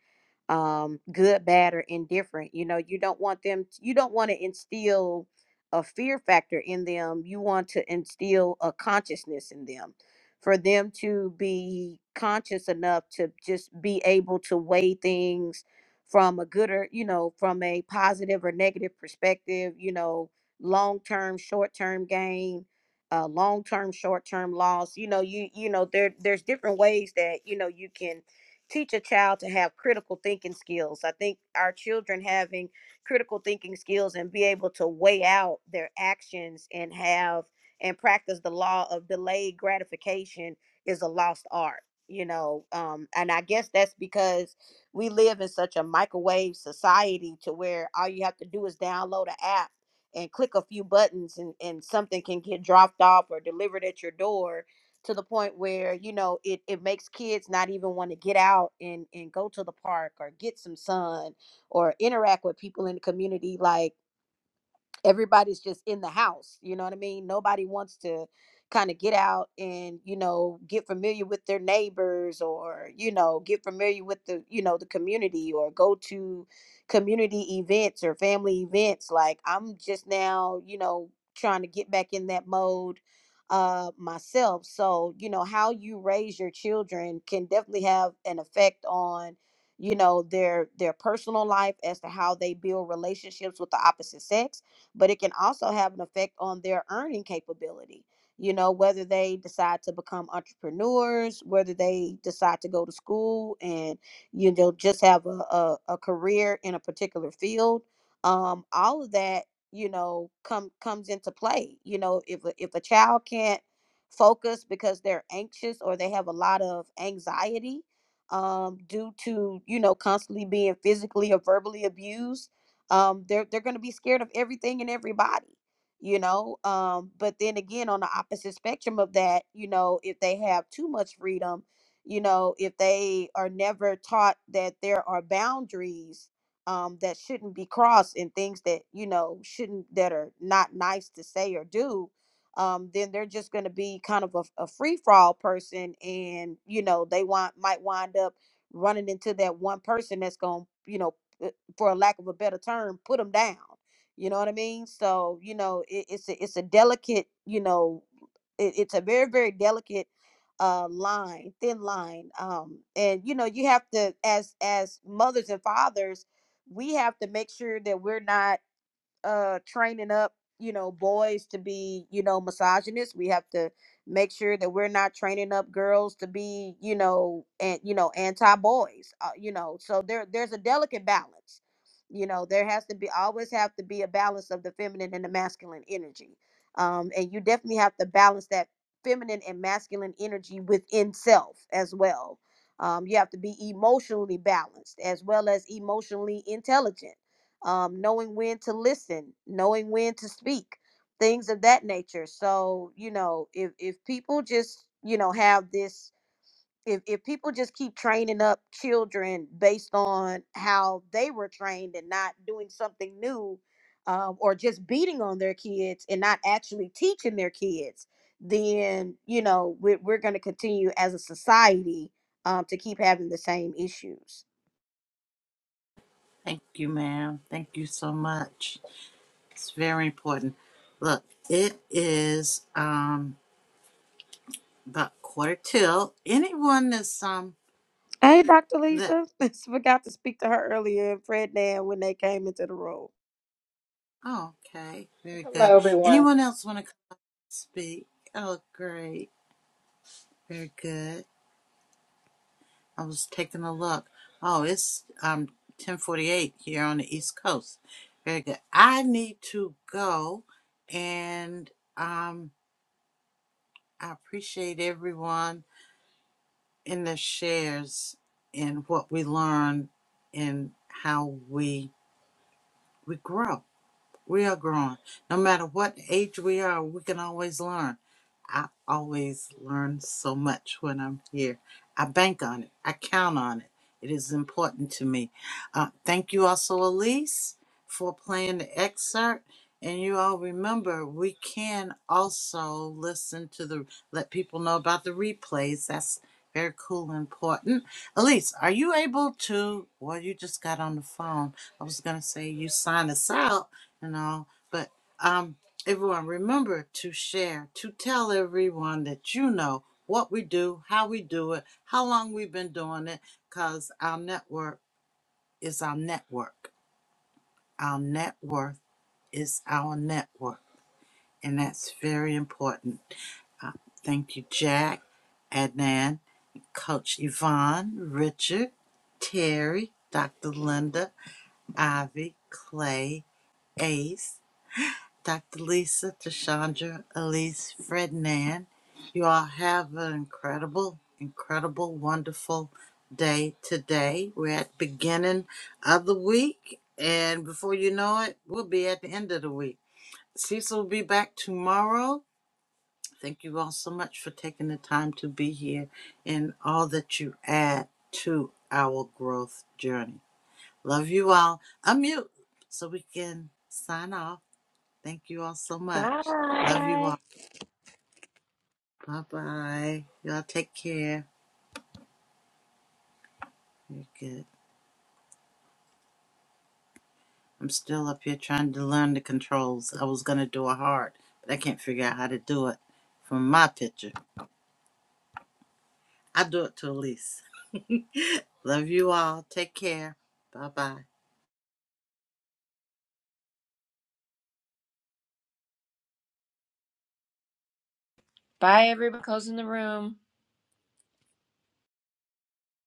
S1: um, good, bad, or indifferent. You know, you don't want them. You don't want to instill a fear factor in them. You want to instill a consciousness in them, for them to be conscious enough to just be able to weigh things from a good or you know from a positive or negative perspective you know long term short term gain uh long term short term loss you know you you know there there's different ways that you know you can teach a child to have critical thinking skills i think our children having critical thinking skills and be able to weigh out their actions and have and practice the law of delayed gratification is a lost art you know um and i guess that's because we live in such a microwave society to where all you have to do is download an app and click a few buttons and, and something can get dropped off or delivered at your door to the point where you know it, it makes kids not even want to get out and, and go to the park or get some sun or interact with people in the community like everybody's just in the house you know what i mean nobody wants to kind of get out and you know get familiar with their neighbors or you know get familiar with the you know the community or go to community events or family events like i'm just now you know trying to get back in that mode uh myself so you know how you raise your children can definitely have an effect on you know their their personal life as to how they build relationships with the opposite sex but it can also have an effect on their earning capability. You know, whether they decide to become entrepreneurs, whether they decide to go to school and, you know, just have a, a, a career in a particular field, um, all of that, you know, come comes into play. You know, if a, if a child can't focus because they're anxious or they have a lot of anxiety, um, due to you know constantly being physically or verbally abused um they're they're going to be scared of everything and everybody you know um but then again on the opposite spectrum of that you know if they have too much freedom you know if they are never taught that there are boundaries um that shouldn't be crossed and things that you know shouldn't that are not nice to say or do um then they're just going to be kind of a, a free for all person and you know they want might wind up running into that one person that's going to you know for a lack of a better term, put them down. You know what I mean? So you know, it, it's a, it's a delicate, you know, it, it's a very very delicate uh line, thin line. Um, and you know, you have to as as mothers and fathers, we have to make sure that we're not uh training up you know boys to be you know misogynists we have to make sure that we're not training up girls to be you know and you know anti boys uh, you know so there there's a delicate balance you know there has to be always have to be a balance of the feminine and the masculine energy um and you definitely have to balance that feminine and masculine energy within self as well um, you have to be emotionally balanced as well as emotionally intelligent um, knowing when to listen, knowing when to speak, things of that nature. So, you know, if if people just, you know, have this if if people just keep training up children based on how they were trained and not doing something new um, or just beating on their kids and not actually teaching their kids, then, you know, we're, we're going to continue as a society um, to keep having the same issues.
S2: Thank you, ma'am. Thank you so much. It's very important. Look, it is um about quarter till. Anyone that's um
S1: Hey, Dr.
S2: that
S1: Lisa. Forgot to speak to her earlier and Fred Nan when they came into the room.
S2: oh, okay, very good.
S9: Hello, everyone.
S2: Anyone else want to speak? Oh, great, very good. I was taking a look. Oh, it's um ten forty eight here on the East Coast. Very good. I need to go, and um, I appreciate everyone in the shares and what we learn and how we we grow. We are growing. No matter what age we are, we can always learn. I always learn so much when I'm here. I bank on it. I count on it. It is important to me. Uh, thank you also, Elise, for playing the excerpt. And you all remember we can also listen to the let people know about the replays. That's very cool and important. Elise, are you able to? Well, you just got on the phone. I was gonna say you sign us out and all, but um. Everyone, remember to share, to tell everyone that you know what we do, how we do it, how long we've been doing it, because our network is our network. Our net worth is our network. And that's very important. Uh, thank you, Jack, Adnan, Coach Yvonne, Richard, Terry, Dr. Linda, Ivy, Clay, Ace. Dr. Lisa, Tashandra, Elise, Fred, Nan. You all have an incredible, incredible, wonderful day today. We're at the beginning of the week, and before you know it, we'll be at the end of the week. Cecil will be back tomorrow. Thank you all so much for taking the time to be here and all that you add to our growth journey. Love you all. Unmute so we can sign off. Thank you all so much. Love you
S4: Bye.
S2: all. Bye bye. Y'all take care. You're good. I'm still up here trying to learn the controls. I was gonna do a heart, but I can't figure out how to do it from my picture. I do it to Elise. Love you all. Take care. Bye bye.
S4: Bye, everybody. Closing the room.